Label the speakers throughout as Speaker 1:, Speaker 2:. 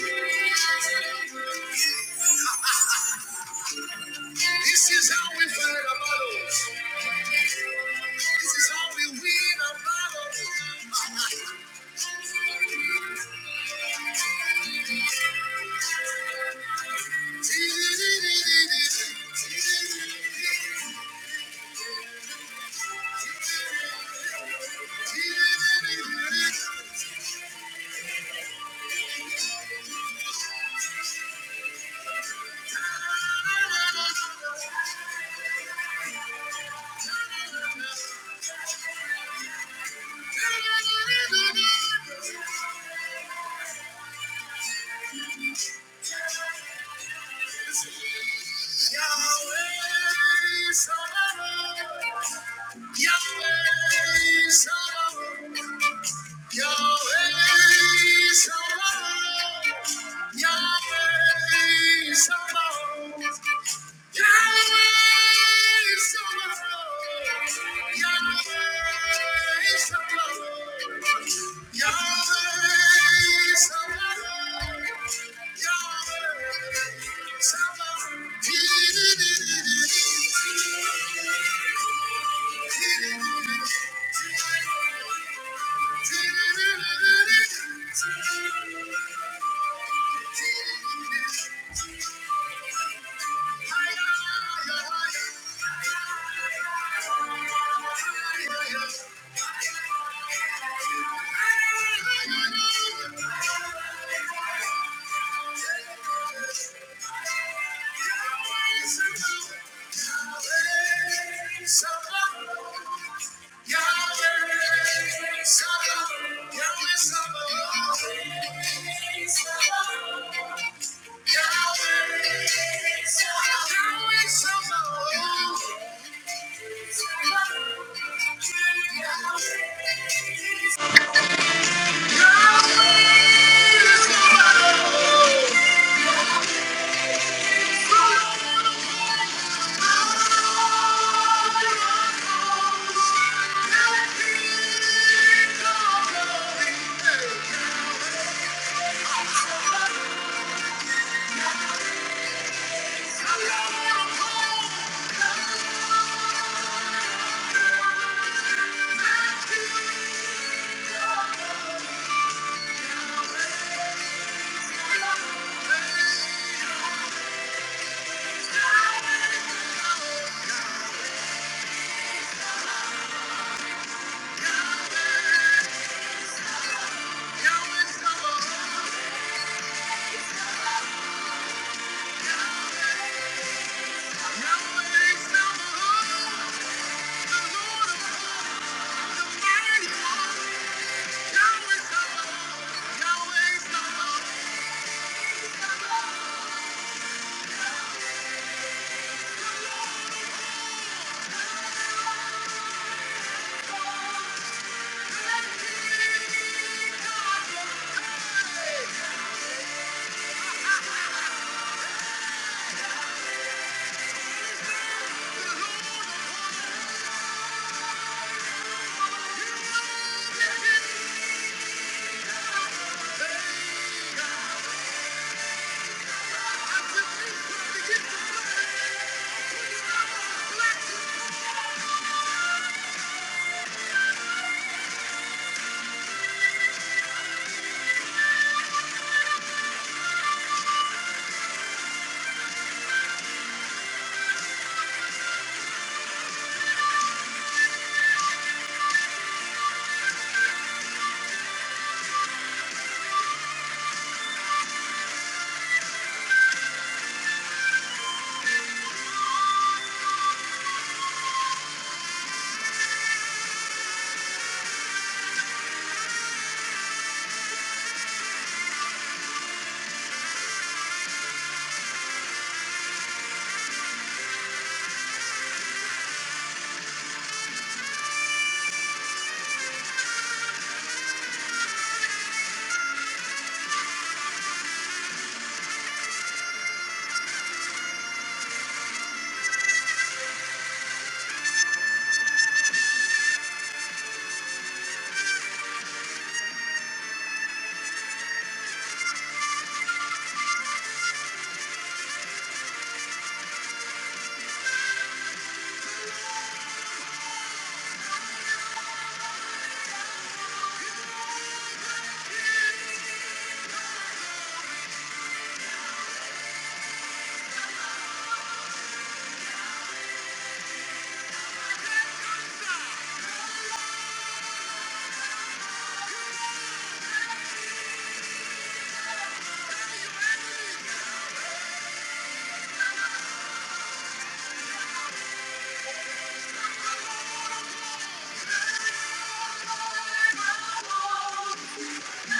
Speaker 1: This is how we fight our battles. This is how we win our battles. Yahweh Sabaoth. Yahweh Sabaoth. Yahweh Sabaoth. Yahweh Sabaoth. Yahweh, you. I got a way to go. A way somewhere. Yahweh. Yeah. Thank you. Yeah.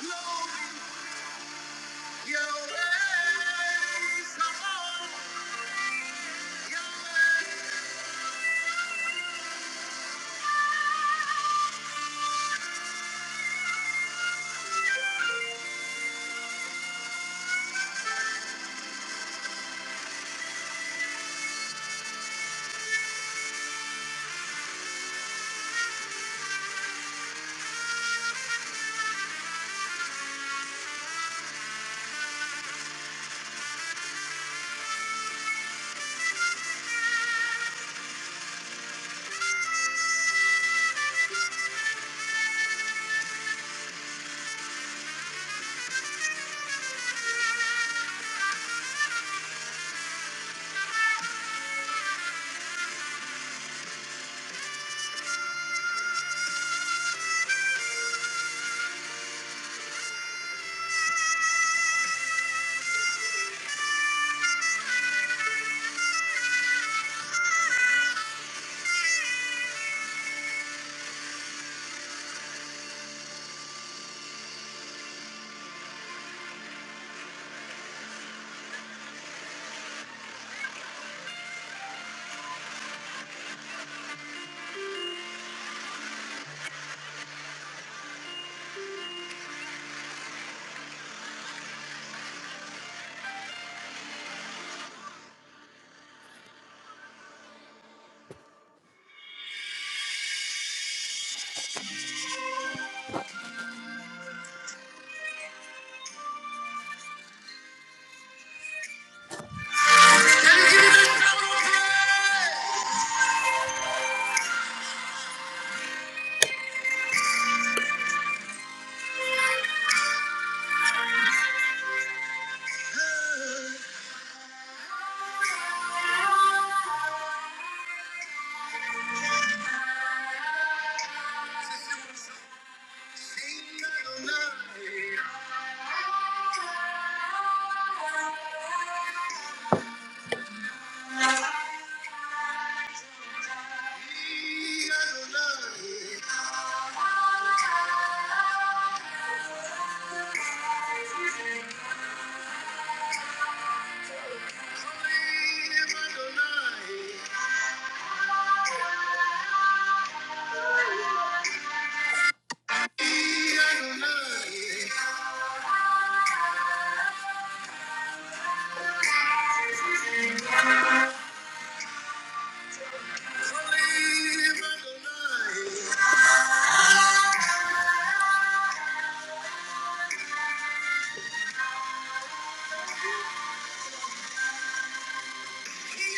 Speaker 1: glory. Your ways are holy. Your ways- Can you give me this shout of praise? Since you came back alive, Thank you. Oh,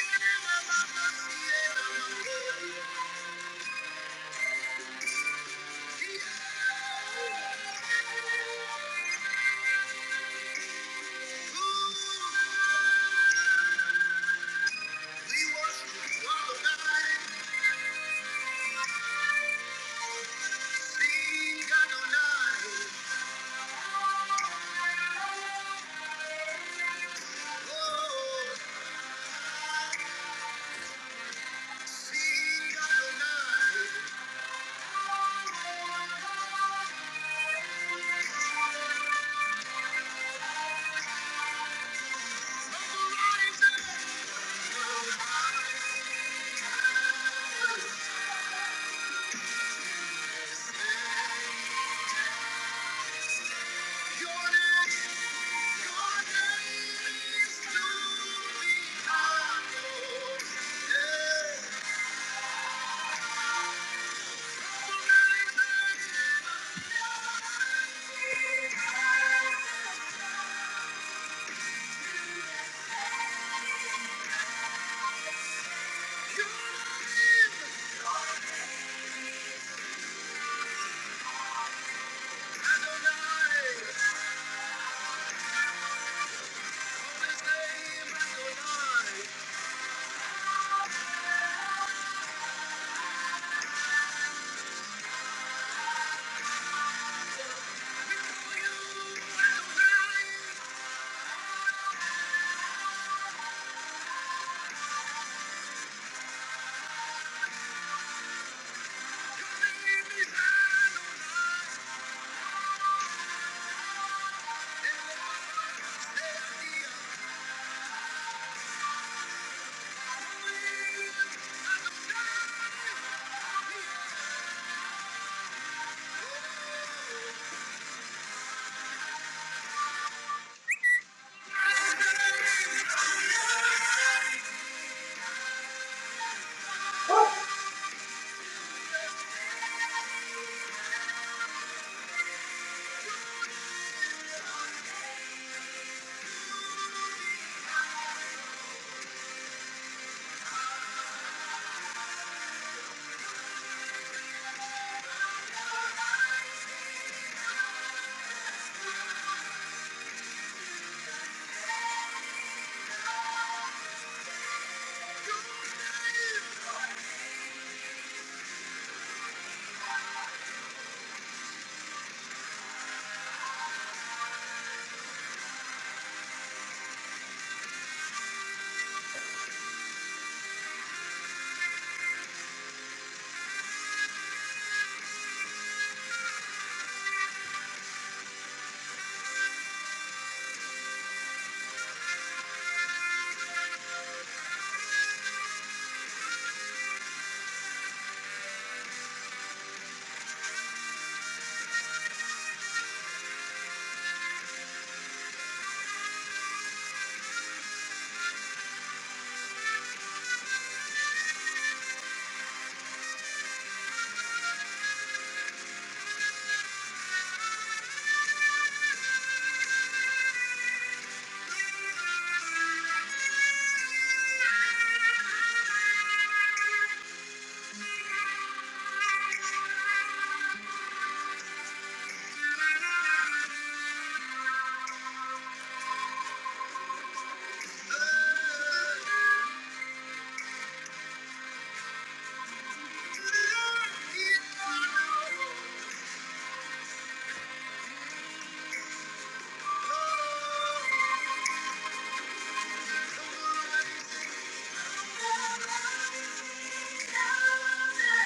Speaker 1: Yeah.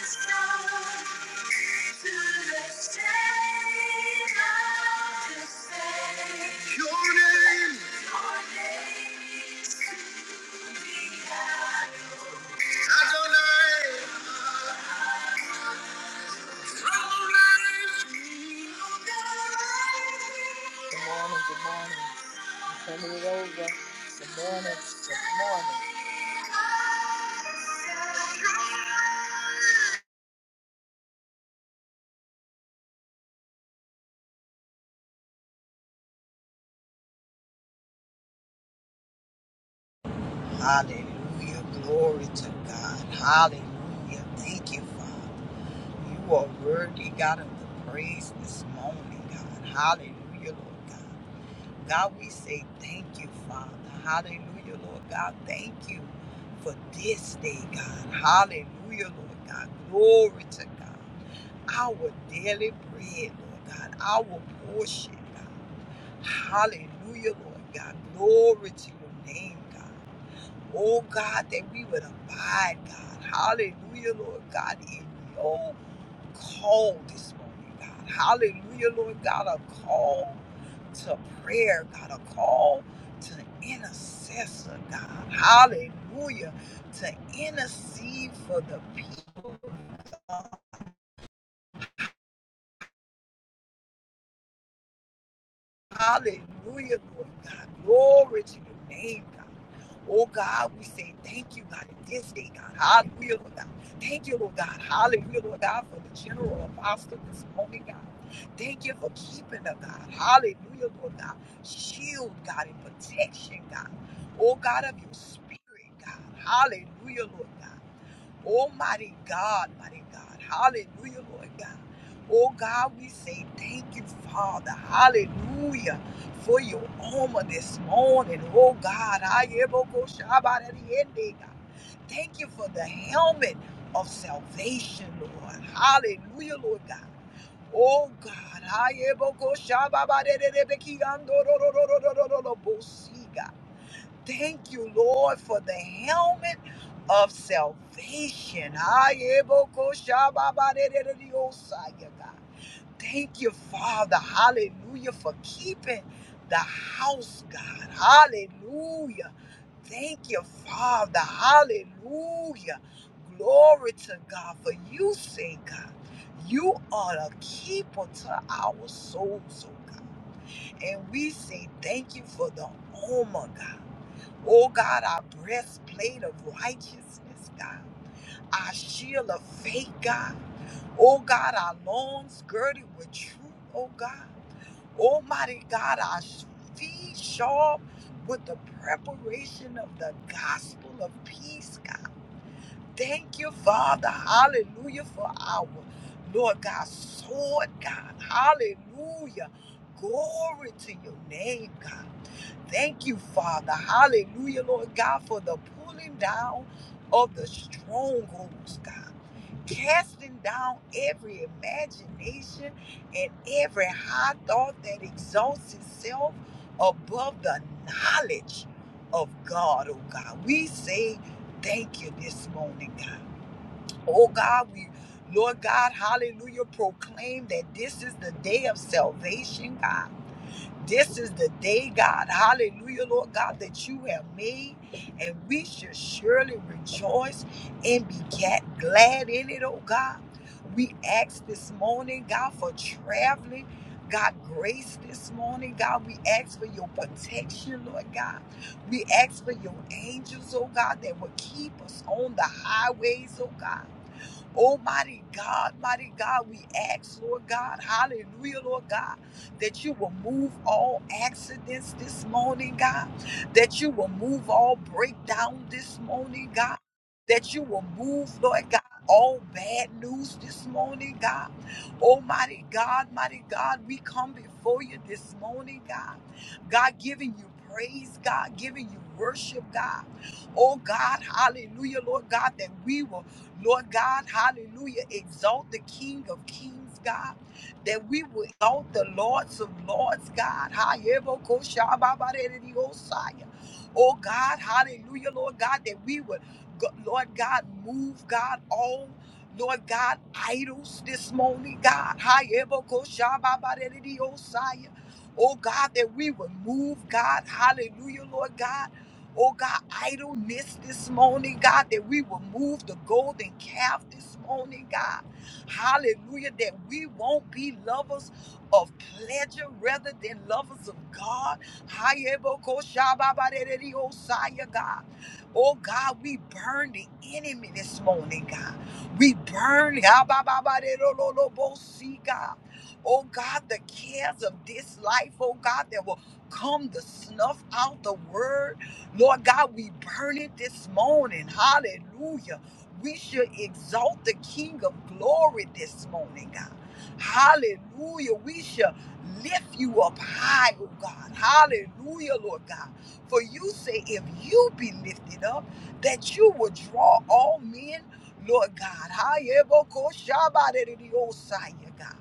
Speaker 1: Let's go. Good morning. Good morning.
Speaker 2: Hallelujah. Glory to God. Hallelujah. Thank you, Father. You are worthy, God, of the praise this morning, God. Hallelujah, Lord God. God, we say thank you, Father. Hallelujah, Lord God. Thank you for this day, God. Hallelujah, Lord God. Glory to God. Our daily bread, Lord God. Our portion, God. Hallelujah, Lord God. Glory to your name, God. Oh God, that we would abide, God. Hallelujah, Lord God, in your call this morning, God. Hallelujah, Lord God, a call to prayer, God, a call to intercessor, God. Hallelujah, to intercede for the people. God. Hallelujah, Lord God. Glory to your name, God. Oh God, we say thank you, God, at this day, God. Hallelujah, Lord God. Thank you, Lord God. Hallelujah, Lord God, for the general apostle this morning, God. Thank you for keeping her, God. Hallelujah, Lord God. Shield, God, and protection, God. Oh God, of your spirit, God. Hallelujah, Lord God. Almighty God, mighty God. Hallelujah, Lord God. Oh, God, we say thank you, Father. Hallelujah. For your armor this morning. Oh, God. I am go shabbat at the end, eh, God. Thank you for the helmet of salvation, Lord. Hallelujah, Lord God. Oh, God. I am go shabbat at the end, eh, God. Thank you, Lord, for the helmet of salvation. Ayebokoshababadededediyosaya, God. Thank you, Father. Hallelujah, for keeping the house, God. Hallelujah. Thank you, Father. Hallelujah. Glory to God. For you say, God, you are a keeper to our souls, oh God. And we say thank you for the armor, God. Oh God, our breastplate of righteousness, God, our shield of faith, God. Oh God, our loins girded with truth, oh God. Almighty God, our feet sharp with the preparation of the gospel of peace, God. Thank you, Father. Hallelujah for our Lord God, sword, God. Hallelujah. Glory to your name, God. Thank you, Father. Hallelujah, Lord God, for the pulling down of the strongholds, God. Casting down every imagination and every high thought that exalts itself above the knowledge of God, oh God. We say thank you this morning, God. Oh God, we, Lord God, hallelujah, proclaim that this is the day of salvation, God. This is the day, God, hallelujah, Lord God, that you have made, and we should surely rejoice and be ga- glad in it, oh God. We ask this morning, God, for traveling. God, grace this morning, God. We ask for your protection, Lord God. We ask for your angels, oh God, that will keep us on the highways, oh God. Oh, mighty God, mighty God, we ask, Lord God, hallelujah, Lord God, that you will move all accidents this morning, God, that you will move all breakdown this morning, God, that you will move, Lord God. All bad news this morning, God. Almighty God, mighty God, we come before you this morning, God. God giving you praise, God giving you worship, God. Oh God, hallelujah, Lord God, that we will Lord God, hallelujah. Exalt the King of Kings, God. That we will exalt the Lords of Lords, God. Hayebokoshababarediosaya. Oh God, hallelujah, Lord God, that we would, go- Lord God, move, God, all, Lord God, idols this morning, God. Hayebokoshababarediosaya. Oh God, that we would move, God, hallelujah, Lord God oh God, idleness this morning, God, that we will move the golden calf this morning, God. Hallelujah, that we won't be lovers of pleasure rather than lovers of God. Hayebokoshababaderediosaya, God. Oh God, we burn the enemy this morning, God. We burn, Habababaderololobosi, God. Oh God, the cares of this life, oh God, that will come to snuff out the word Lord God, we burn it this morning. Hallelujah. We should exalt the King of glory this morning, God. Hallelujah. We should lift you up high, oh God. Hallelujah, Lord God. For you say, if you be lifted up, that you will draw all men, Lord God. Hayebokoshabadidiyosaya, God.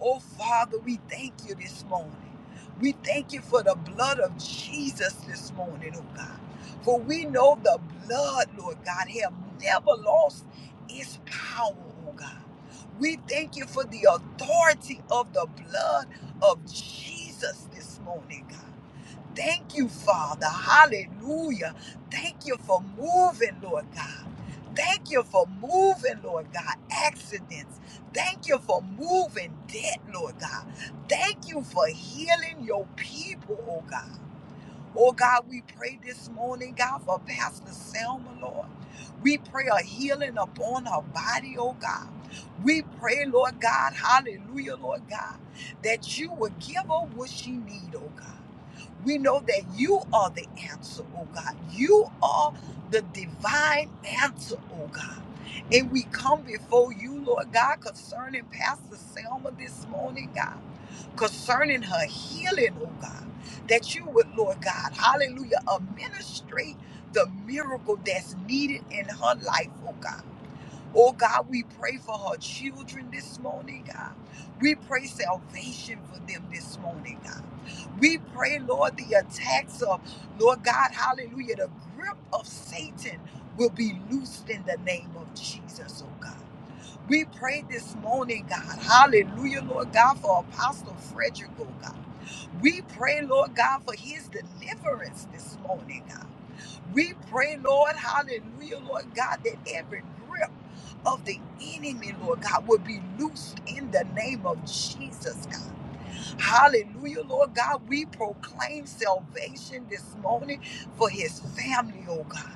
Speaker 2: Oh, Father, we thank you this morning. We thank you for the blood of Jesus this morning, oh God. For we know the blood, Lord God, have never lost its power, oh God. We thank you for the authority of the blood of Jesus this morning, God. Thank you, Father. Hallelujah. Thank you for moving, Lord God. Thank you for moving, Lord God. Accidents. Thank you for moving debt, Lord God. Thank you for healing your people, oh God. Oh God, we pray this morning, God, for Pastor Selma, Lord. We pray a healing upon her body, oh God. We pray, Lord God, hallelujah, Lord God, that you will give her what she needs, oh God. We know that you are the answer, oh God. You are the divine answer, oh God. And we come before you, Lord God, concerning Pastor Selma this morning, God, concerning her healing, oh God, that you would, Lord God, hallelujah, administrate the miracle that's needed in her life, oh God. Oh God, we pray for her children this morning, God. We pray salvation for them this morning, God. We pray, Lord, the attacks of, Lord God, hallelujah, the grip of Satan will be loosed in the name of Jesus, oh God. We pray this morning, God, hallelujah, Lord God, for Apostle Frederick, oh God. We pray, Lord God, for his deliverance this morning, God. We pray, Lord, hallelujah, Lord God, that every grip of the enemy, Lord God, will be loosed in the name of Jesus, God. Hallelujah, Lord God. We proclaim salvation this morning for his family, oh God.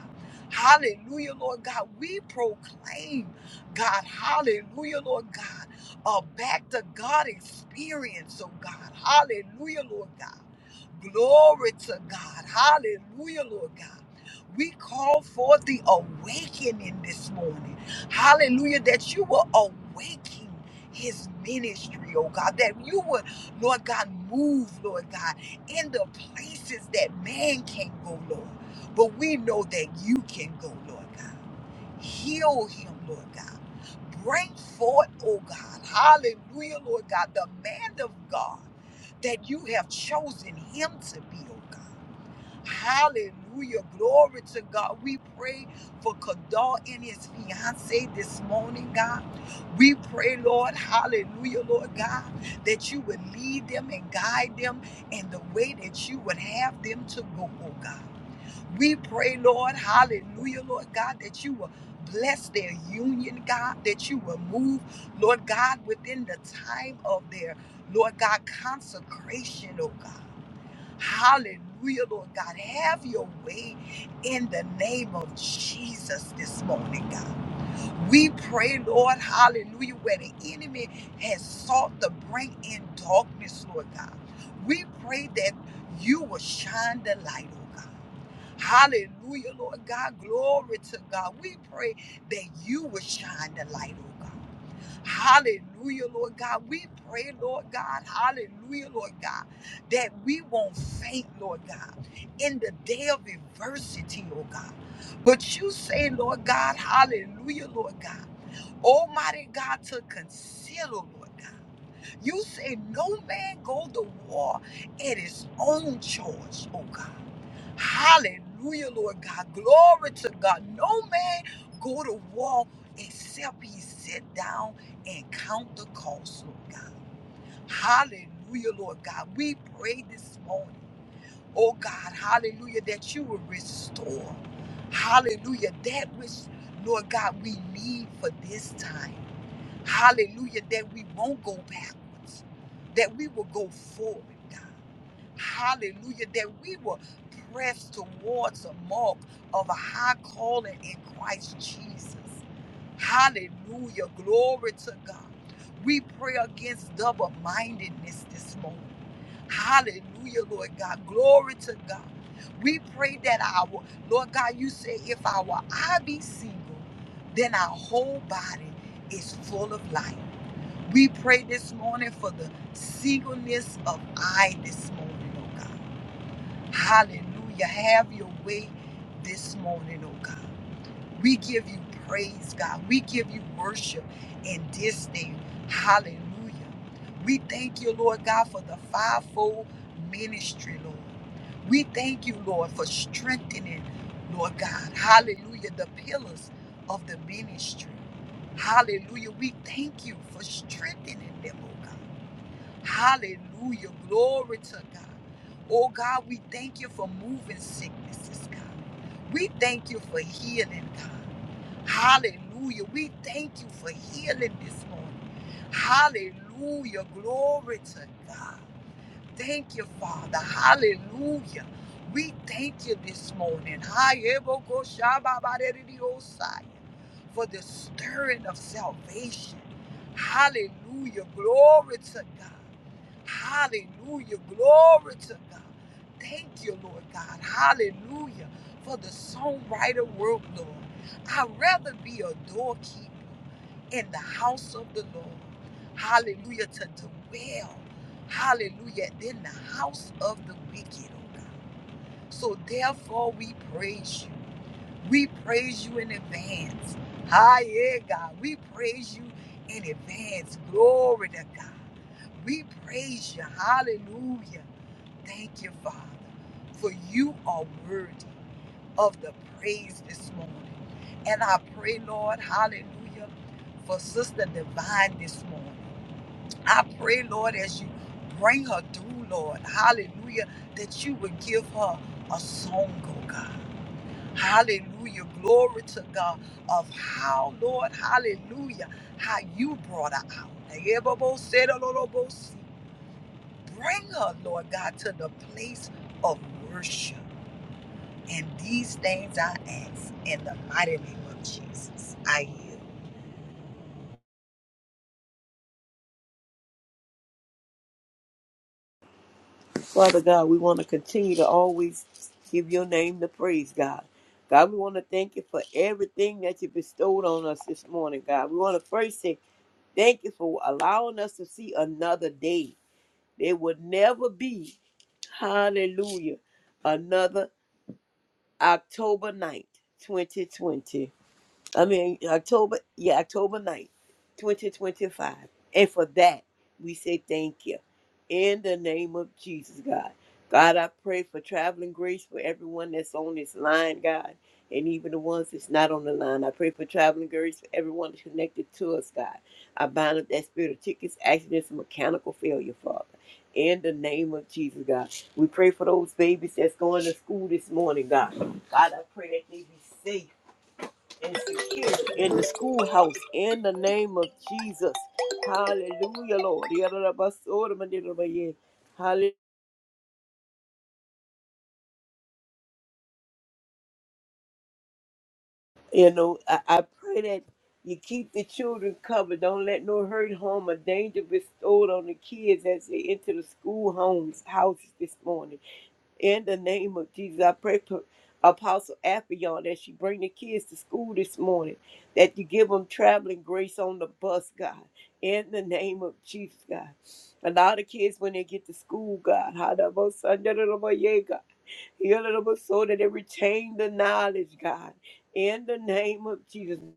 Speaker 2: Hallelujah, Lord God. We proclaim, God, hallelujah, Lord God, a back to God experience, oh God. Hallelujah, Lord God. Glory to God. Hallelujah, Lord God. We call forth the awakening this morning. Hallelujah, that you will awaken his ministry, oh God, that you would Lord God, move, Lord God, in the places that man can't go, Lord. But we know that you can go, Lord God. Heal him, Lord God. Bring forth, oh God, hallelujah, Lord God, the man of God that you have chosen him to be, oh God. Hallelujah. Glory to God. We pray for Kadal and his fiance this morning, God. We pray, Lord, hallelujah, Lord God, that you would lead them and guide them in the way that you would have them to go, oh God. We pray, Lord, hallelujah, Lord God, that you will bless their union, God, that you will move, Lord God, within the time of their, Lord God, consecration, oh God. Hallelujah, Lord God. Have your way in the name of Jesus this morning, God. We pray, Lord, hallelujah, where the enemy has sought to bring in darkness, Lord God. We pray that you will shine the light, oh God. Hallelujah, Lord God. Glory to God. We pray that you will shine the light, oh God. Hallelujah, Lord God. We pray, Lord God, hallelujah, Lord God, that we won't faint, Lord God, in the day of adversity, oh God. But you say, Lord God, hallelujah, Lord God, Almighty God, to consider, Lord God. You say, no man go to war at his own choice, oh God. Hallelujah, Lord God. Glory to God. No man go to war except he sit down and count the cost, Lord God. Hallelujah, Lord God. We pray this morning, oh God, hallelujah, that you will restore, hallelujah, that which, Lord God, we need for this time. Hallelujah, that we won't go backwards, that we will go forward, God. Hallelujah. That we will press towards the mark of a high calling in Christ Jesus. Hallelujah. Glory to God. We pray against double mindedness this morning. Hallelujah, Lord God. Glory to God. We pray that our, Lord God, you say, if our eye be single, then our whole body is full of light. We pray this morning for the singleness of eye this morning, oh God. Hallelujah. Have your way this morning, oh God. We give you praise, God. We give you worship in this day. Hallelujah. We thank you, Lord God, for the fivefold ministry, Lord. We thank you, Lord, for strengthening, Lord God. Hallelujah. The pillars of the ministry. Hallelujah. We thank you for strengthening them, oh God. Hallelujah. Glory to God. Oh God, we thank you for moving sicknesses, God. We thank you for healing, God. Hallelujah. We thank you for healing this morning. Hallelujah. Glory to God. Thank you, Father. Hallelujah. We thank you this morning. Hayebokoshababarediosai, For the stirring of salvation. Hallelujah. Glory to God. Hallelujah. Glory to God. Thank you, Lord God. Hallelujah. For the songwriter world, Lord. I'd rather be a doorkeeper in the house of the Lord. Hallelujah. To dwell. Hallelujah. Then the house of the wicked, oh God. So therefore we praise you. We praise you in advance. Hi, yeah, God. We praise you in advance. Glory to God. We praise you. Hallelujah. Thank you, Father, for you are worthy of the praise this morning. And I pray, Lord, hallelujah, for Sister Divine this morning. I pray, Lord, as you bring her through, Lord, hallelujah, that you would give her a song, oh God. Hallelujah. Glory to God of how, Lord, hallelujah, how you brought her out. Bring her, Lord God, to the place of worship. And these things I ask in the mighty name of Jesus. I yield.
Speaker 3: Father God, we want to continue to always give your name the praise, God. God, we want to thank you for everything that you bestowed on us this morning, God. We want to first say thank you for allowing us to see another day. There would never be, hallelujah, another October ninth, 2020. I mean, October, yeah, October ninth, 2025. And for that, we say thank you. In the name of Jesus, God. God, I pray for traveling grace for everyone that's on this line, God, and even the ones that's not on the line. I pray for traveling grace for everyone that's connected to us, God. I bind up that spirit of tickets, accidents, and mechanical failure, Father. In the name of Jesus, God. We pray for those babies that's going to school this morning, God. God, I pray that they be safe and secure in the schoolhouse in the name of Jesus. Hallelujah, Lord. Hallelujah. You know, I, I pray that you keep the children covered. Don't let no hurt, harm, or danger bestowed on the kids as they enter the school homes, houses this morning. In the name of Jesus, I pray for Apostle Appion that she bring the kids to school this morning, that you give them traveling grace on the bus, God. In the name of Jesus, God. Allow the kids when they get to school, God. How about Sunday, Heal it up so that it retain the knowledge, God. In the name of Jesus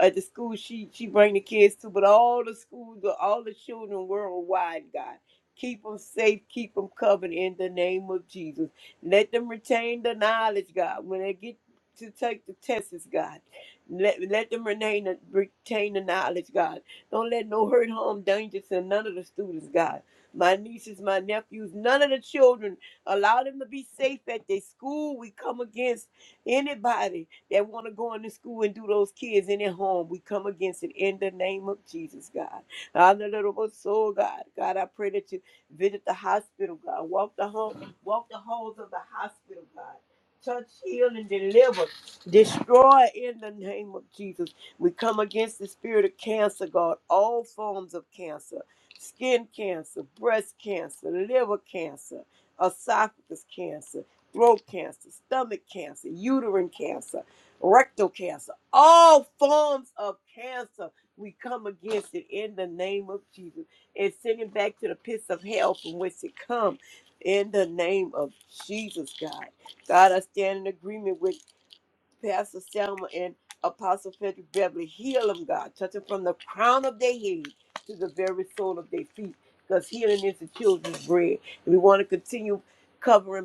Speaker 3: at the school she she bring the kids to, but all the schools, all the children worldwide, God. Keep them safe, keep them covered in the name of Jesus. Let them retain the knowledge, God, when they get to take the tests, God. Let, let them retain the, retain the knowledge, God. Don't let no hurt, harm, danger to none of the students, God. My nieces, my nephews, none of the children. Allow them to be safe at their school. We come against anybody that want to go into school and do those kids in their home. We come against it in the name of Jesus, God. Honorable soul, God. God, I pray that you visit the hospital, God. Walk the home, walk the halls of the hospital, God. Touch, heal, and deliver. Destroy in the name of Jesus. We come against the spirit of cancer, God. All forms of cancer. Skin cancer, breast cancer, liver cancer, esophagus cancer, throat cancer, stomach cancer, uterine cancer rectal cancer, all forms of cancer. We come against it in the name of Jesus and send it back to the pits of hell from which it comes in the name of Jesus, God. God, I stand in agreement with Pastor Selma and Apostle Frederick Beverly. Heal them, God. Touch them from the crown of their head to the very sole of their feet because healing is the children's bread. We want to continue covering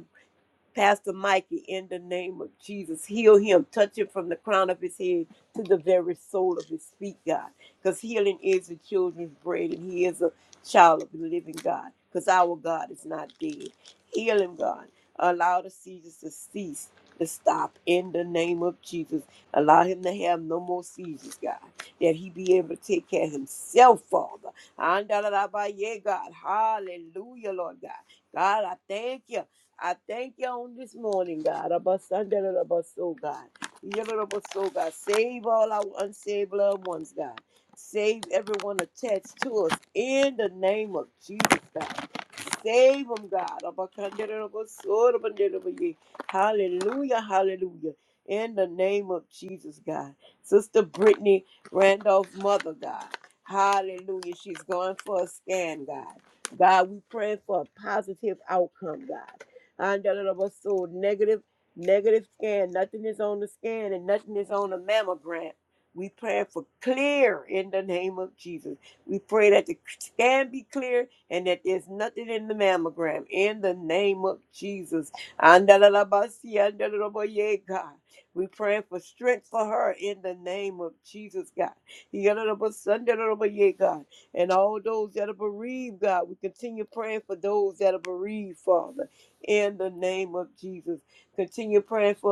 Speaker 3: Pastor Mikey, in the name of Jesus, heal him. Touch him from the crown of his head to the very soul of his feet, God. Because healing is the children's bread, and he is a child of the living God. Because our God is not dead. Heal him, God. Allow the seizures to cease, to stop in the name of Jesus. Allow him to have no more seizures, God. That he be able to take care of himself, Father. Andalalabaye, God. Hallelujah, Lord God. God, I thank you. I thank you on this morning, God. Abba Sunday, Abba Soul, God. Yellow Abba Soul, God. Save all our unsaved loved ones, God. Save everyone attached to us in the name of Jesus, God. Save them, God. Abba Kandere, Abba Soul, Abba Ndere, Abba Ye. Hallelujah, hallelujah. In the name of Jesus, God. Sister Brittany Randolph's Mother, God. Hallelujah. She's going for a scan, God. God, we pray for a positive outcome, God. And a little so negative, negative scan. Nothing is on the scan and nothing is on the mammogram. We pray for clear in the name of Jesus. We pray that the scan be clear and that there's nothing in the mammogram in the name of Jesus. Andalabasi, andalaboye, God. We pray for strength for her in the name of Jesus, God. Yandalabosandaboye, God. And all those that are bereaved, God, we continue praying for those that are bereaved, Father in the name of Jesus. Continue praying for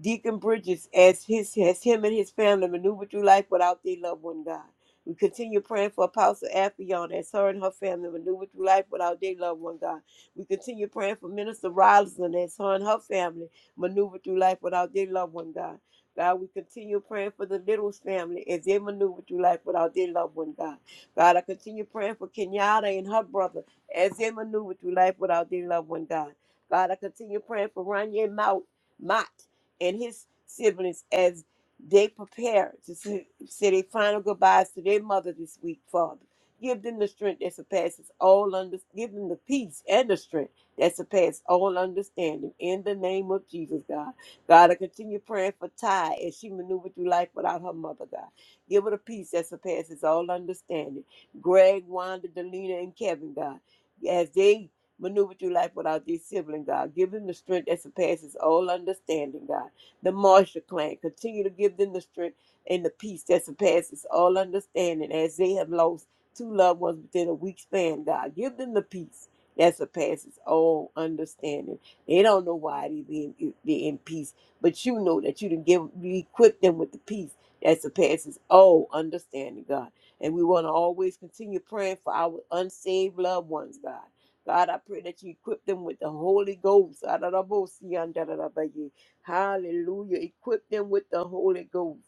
Speaker 3: Deacon Bridges as his as him and his family maneuver through life without their loved one, God. We continue praying for Apostle Afion as her and her family maneuver through life without their loved one, God. We continue praying for Minister Roslyn as her and her family maneuver through life without their loved one, God. God, we continue praying for the Littles family as they maneuver through life without their loved one, God. God, I continue praying for Kenyatta and her brother as they maneuver through life without their loved one, God. God, I continue praying for Ranye Mount. Mott and his siblings as they prepare to s- say their final goodbyes to their mother this week, Father. Give them the strength that surpasses all under. Give them the peace and the strength that surpasses all understanding. In the name of Jesus, God. God, I continue praying for Ty as she maneuvered through life without her mother, God. Give her the peace that surpasses all understanding. Greg, Wanda, Delina, and Kevin, God, as they maneuver through life without their sibling, God. Give them the strength that surpasses all understanding, God the Marshall clan. Continue to give them the strength and the peace that surpasses all understanding as they have lost two loved ones within a week span, God. Give them the peace that surpasses all understanding. They don't know why they be in, they in peace, but you know that you didn't give you equip them with the peace that surpasses all understanding, God. And we want to always continue praying for our unsaved loved ones, God. God, I pray that you equip them with the Holy Ghost. Hallelujah. Equip them with the Holy Ghost.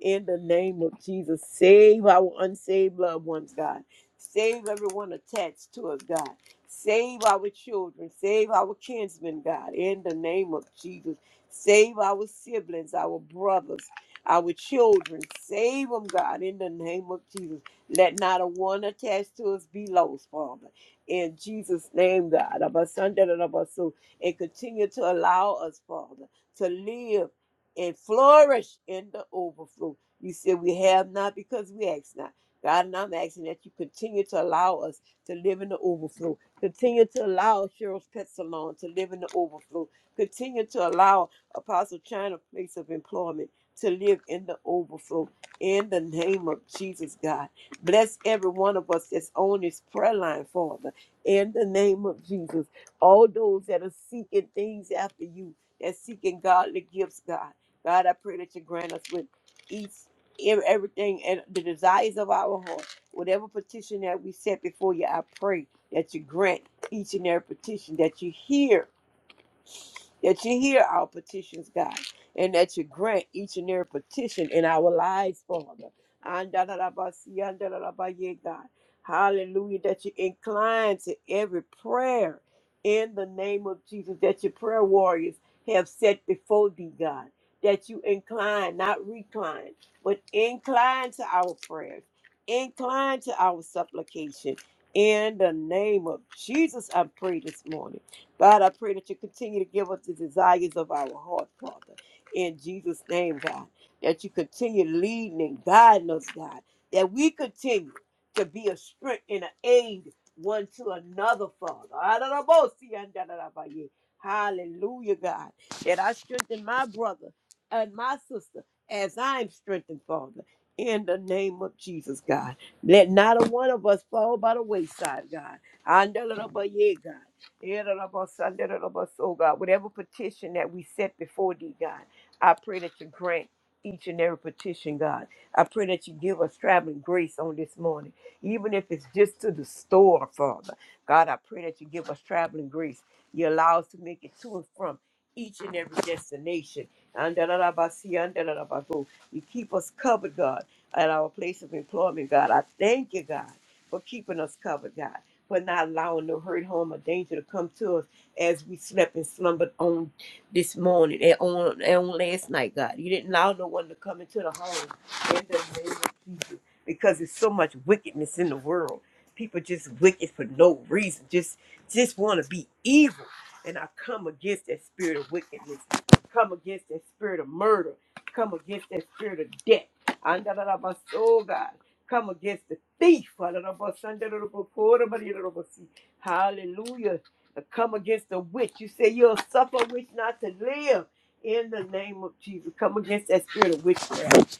Speaker 3: In the name of Jesus, save our unsaved loved ones, God. Save everyone attached to us, God. Save our children. Save our kinsmen, God. In the name of Jesus, save our siblings, our brothers, our children. Save them, God. In the name of Jesus, let not a one attached to us be lost, Father. In Jesus' name, God. Abba, Sunday, Abba, so and continue to allow us, Father to live and flourish in the overflow. You said we have not because we ask not. God, and I'm asking that you continue to allow us to live in the overflow. Continue to allow Cheryl's Pet Salon to live in the overflow. Continue to allow Apostle China Place of Employment to live in the overflow. In the name of Jesus, God. Bless every one of us that's on this prayer line, Father. In the name of Jesus. All those that are seeking things after you that's seeking godly gifts, God. God, I pray that you grant us with each ev- everything and the desires of our heart. Whatever petition that we set before you, I pray that you grant each and every petition that you hear that you hear our petitions, God, and that you grant each and every petition in our lives, Father. Andalabasi, andalabaye, God. Hallelujah, that you incline to every prayer in the name of Jesus, that your prayer warriors have set before thee, God, that you incline, not recline, but incline to our prayers, incline to our supplication. In the name of Jesus, I pray this morning. God, I pray that you continue to give us the desires of our heart, Father. In Jesus' name, God, that you continue leading and guiding us, God, that we continue to be a strength and an aid one to another, Father. Hallelujah, God, that I strengthen my brother and my sister as I'm strengthened, Father. In the name of Jesus, God. Let not a one of us fall by the wayside, God. Andalabaye, God the the Lord of us, under the Lord of us, Oh God, whatever petition that we set before thee, God, I pray that you grant each and every petition, God. I pray that you give us traveling grace on this morning, even if it's just to the store, Father. God, I pray that you give us traveling grace. You allow us to make it to and from each and every destination. the the Lord of us, see, under the Lord of Andalabasi, andalabago. You keep us covered, God, at our place of employment, God. I thank you, God, for keeping us covered, God for not allowing no hurt, harm, or danger to come to us as we slept and slumbered on this morning and on, and on last night, God. You didn't allow no one to come into the home in the name of Jesus because there's so much wickedness in the world. People just wicked for no reason, just just want to be evil. And I come against that spirit of wickedness, come against that spirit of murder, come against that spirit of death. Andalabas, oh God. Come against the thief. Hallelujah. Come against the witch. You say you'll suffer witch not to live. In the name of Jesus, come against that spirit of witchcraft.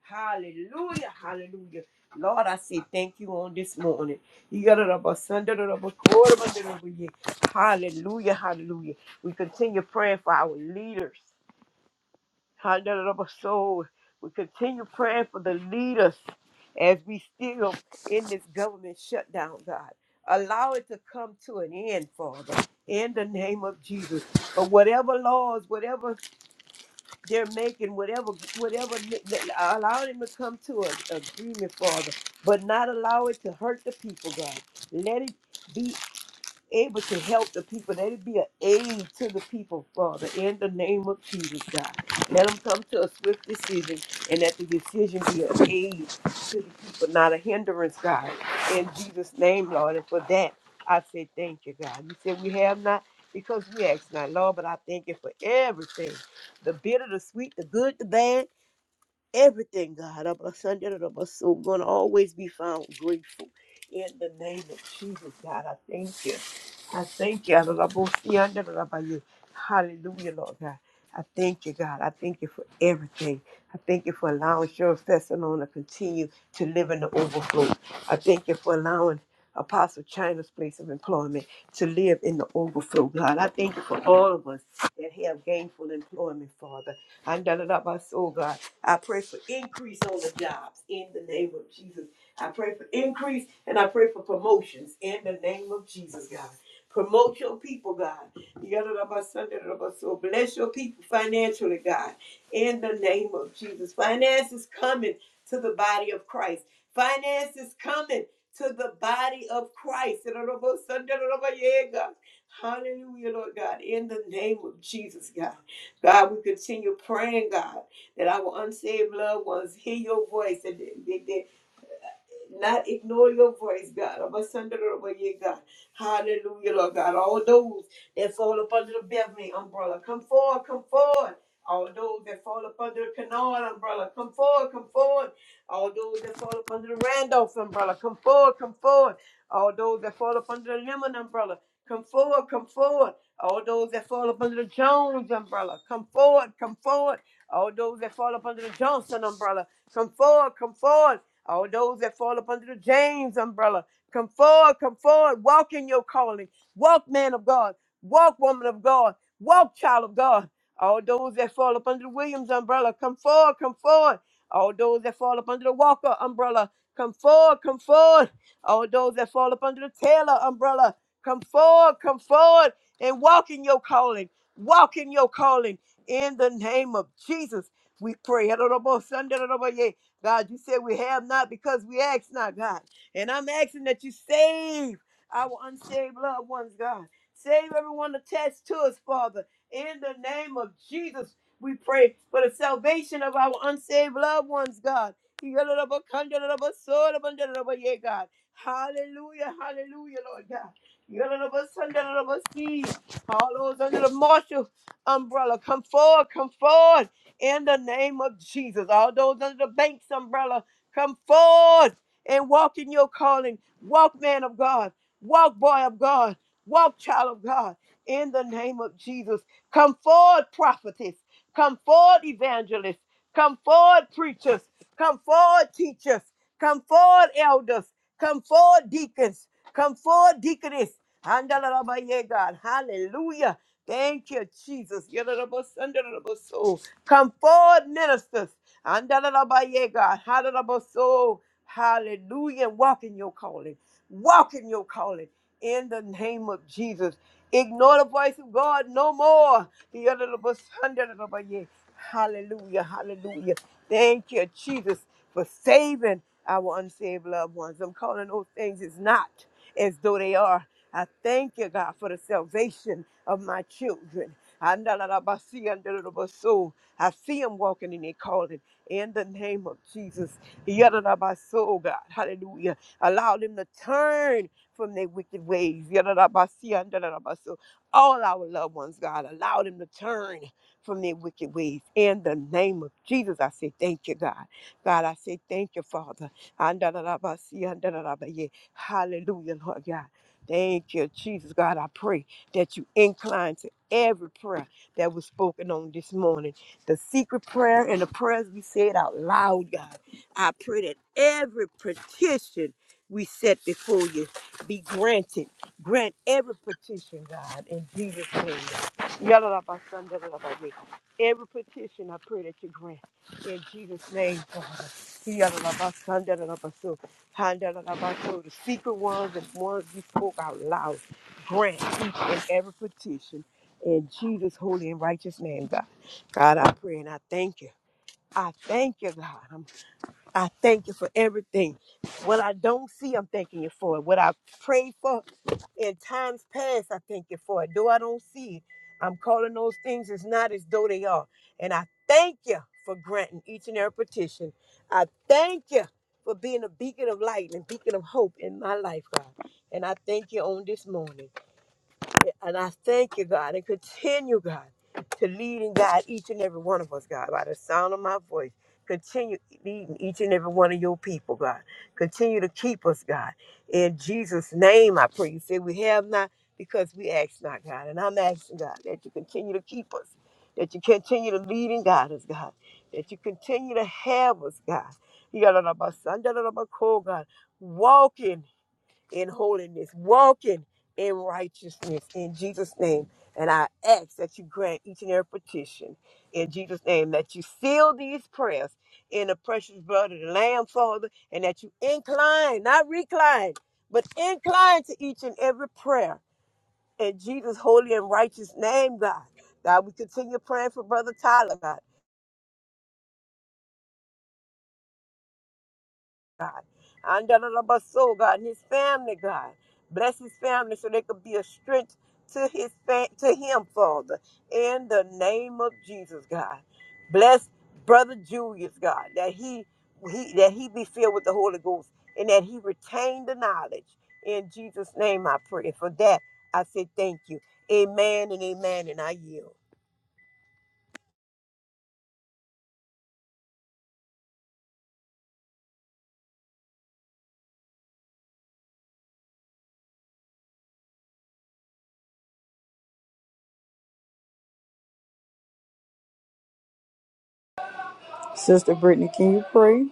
Speaker 3: Hallelujah, hallelujah. Lord, I say thank you on this morning. Hallelujah, hallelujah. We continue praying for our leaders. Hallelujah. We continue praying for the leaders as we still in this government shutdown, God. Allow it to come to an end, Father, in the name of Jesus. But whatever laws, whatever they're making, whatever, whatever, allow them to come to an agreement, Father, but not allow it to hurt the people, God. Let it be able to help the people. Let it be an aid to the people, Father, in the name of Jesus, God. Let them come to a swift decision and that the decision be an aid to the people, not a hindrance, God. In Jesus' name, Lord. And for that, I say thank you, God. You said we have not because we ask not, Lord, but I thank you for everything the bitter, the sweet, the good, the bad everything, God. I'm a son, da, da, da, but so going to always be found grateful. In the name of Jesus, God, I thank you. I thank you. da, da, da, bo- yeah, da, da, da, ba, you. Hallelujah, Lord God. I thank you, God. I thank you for everything. I thank you for allowing Sheriff Fessalon to continue to live in the overflow. I thank you for allowing Apostle China's place of employment to live in the overflow, God. I thank you for all of us that have gainful employment, Father. I know that about soul, God. I pray for increase on the jobs in the name of Jesus. I pray for increase and I pray for promotions in the name of Jesus, God. Promote your people, God. Yadadabasadadabaso. Bless your people financially, God. In the name of Jesus. Finance is coming to the body of Christ. Finance is coming to the body of Christ. Yadadabasadadabaye, God. Hallelujah, Lord God. In the name of Jesus, God. God, we continue praying, God that our unsaved loved ones hear your voice and they, they, not ignore your voice, God. I'm a son of the yeah, God. Hallelujah, Lord God. All those that fall up under the Beverly umbrella, come forward, come forward. All those that fall up under the Canard umbrella, come forward, come forward. All those that fall up under the Randolph umbrella, come forward, come forward. All those that fall up under the Lemon umbrella, come forward, come forward. All those that fall up under the Jones umbrella, come forward, come forward. All those that fall up under the Johnson umbrella, come forward, come forward. All those that fall up under the James umbrella, come forward, come forward, walk in your calling. Walk, man of God. Walk, woman of God. Walk, child of God. All those that fall up under the Williams umbrella, come forward, come forward. All those that fall up under the Walker umbrella, come forward, come forward. All those that fall up under the Taylor umbrella, come forward, come forward and walk in your calling. Walk in your calling in the name of Jesus. We pray. God, you said we have not because we ask not, God. And I'm asking that you save our unsaved loved ones, God. Save everyone attached to us, Father. In the name of Jesus, we pray for the salvation of our unsaved loved ones, God. Yeah, God. Hallelujah, hallelujah, Lord God. All those under the martial umbrella, come forward, come forward in the name of Jesus. All those under the bank's umbrella, come forward and walk in your calling. Walk, man of God. Walk, boy of God. Walk, child of God. In the name of Jesus. Come forward, prophetess. Come forward, evangelists. Come forward, preachers. Come forward, teachers. Come forward, elders. Come forward, deacons. Come forward, deaconess. Handalabaye, God. Hallelujah. Thank you, Jesus. Yadadabasandarabasoo. Come forward, ministers. Andalabaye, God. Hadalaboso. Hallelujah. Walk in your calling. Walk in your calling. In the name of Jesus. Ignore the voice of God no more. The other little bus- Andalabaye. Hallelujah. Hallelujah. Thank you, Jesus, for saving our unsaved loved ones. I'm calling those things as not as though they are. I thank you, God, for the salvation of my children. Andalabasi, andalabaso. I see them walking in their calling in the name of Jesus. Yada my soul, God. Hallelujah. Allow them to turn from their wicked ways. Yada my soul. All our loved ones, God, allow them to turn from their wicked ways. In the name of Jesus, I say thank you, God. God, I say thank you, Father. Anda da si, Hallelujah, Lord God. Thank you, Jesus. God, I pray that you incline to every prayer that was spoken on this morning the secret prayer and the prayers we said out loud, God. I pray that every petition we set before you be granted. Grant every petition, God, in Jesus' name. Yalalabasandalalabami. Every petition, I pray that you grant. In Jesus' name, Father. Yalalabasandalalabasoo. Handalalabaso. The secret ones and ones we spoke out loud. Grant each and every petition. In Jesus' holy and righteous name, God. God, I pray and I thank you. I thank you, God. I'm, I thank you for everything. What I don't see, I'm thanking you for it. What I prayed for in times past, I thank you for it. Though I don't see it, I'm calling those things as not as though they are. And I thank you for granting each and every petition. I thank you for being a beacon of light and beacon of hope in my life, God. And I thank you on this morning. And I thank you, God, and continue, God, to lead and guide each and every one of us, God, by the sound of my voice. Continue leading each and every one of your people, God. Continue to keep us, God. In Jesus' name, I pray. You say we have not because we ask not, God. And I'm asking, God, that you continue to keep us, that you continue to lead and guide us, God, that you continue to have us, God. You got a lot about Sunday, son, da- da- da- my cool, God. Walking in holiness, walking in righteousness in Jesus' name. And I ask that you grant each and every petition in Jesus' name, that you seal these prayers in the precious blood of the Lamb, Father, and that you incline, not recline, but incline to each and every prayer in Jesus' holy and righteous name, God. God, we continue praying for Brother Tyler, God. And da- da- da- but so God, and his family, God. Bless his family so they could be a strength to his fa- to him, Father. In the name of Jesus, God. Bless Brother Julius, God, that he, he that he be filled with the Holy Ghost and that he retain the knowledge. In Jesus' name I pray. And for that, I say thank you. Amen and amen. And I yield.
Speaker 2: Sister Brittany, can you pray?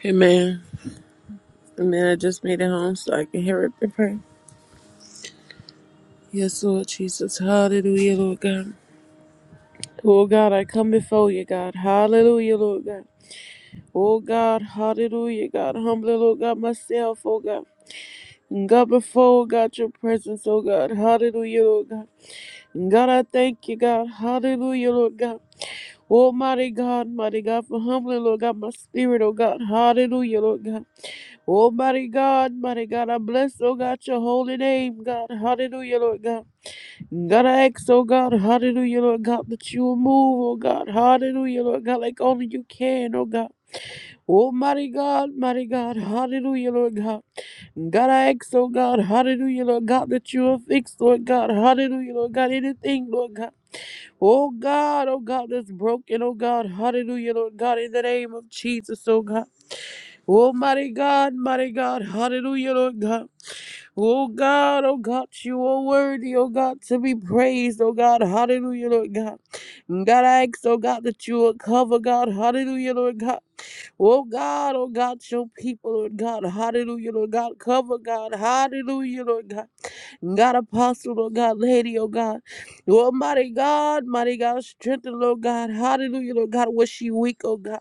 Speaker 4: Hey man, man, I just made it home so I can hear it and pray. Yes, Lord Jesus, hallelujah, Lord God. Oh God, I come before you, God. Hallelujah, Lord God. Oh God, hallelujah, God. Humbly, Lord God, myself, oh God. And God, before, oh God, your presence, oh God. Hallelujah, Lord God. And God, I thank you, God. Hallelujah, Lord God. Almighty God, mighty God, for humbly, Lord God, my spirit, oh God. Hallelujah, Lord God. Oh, mighty God, mighty God, I bless, oh God, your holy name, God. Hallelujah, Lord God. God, I ask, oh God, hallelujah, Lord God, that you will move, oh God. Hallelujah, Lord God, like only you can, oh God. Oh, mighty God, mighty God, hallelujah, Lord God. God, I ask, oh God, hallelujah, Lord God, that you will fix, Lord God, hallelujah, Lord God, anything, Lord God. Oh God, oh God, that's broken, oh God, hallelujah, Lord God, in the name of Jesus, oh God. Oh mighty God, mighty God, hallelujah, Lord God. Oh God, oh God, you are worthy, oh God, to be praised, oh God, hallelujah, Lord God. God, I ask, oh God, that you will cover, God, hallelujah, Lord God. Oh God, oh God, your people, Lord God, hallelujah, Lord God, cover, God, hallelujah, Lord God. God, apostle, Lord God, lady, oh God. Almighty God, mighty God, strengthen, Lord God, hallelujah, Lord God, was she weak, oh God.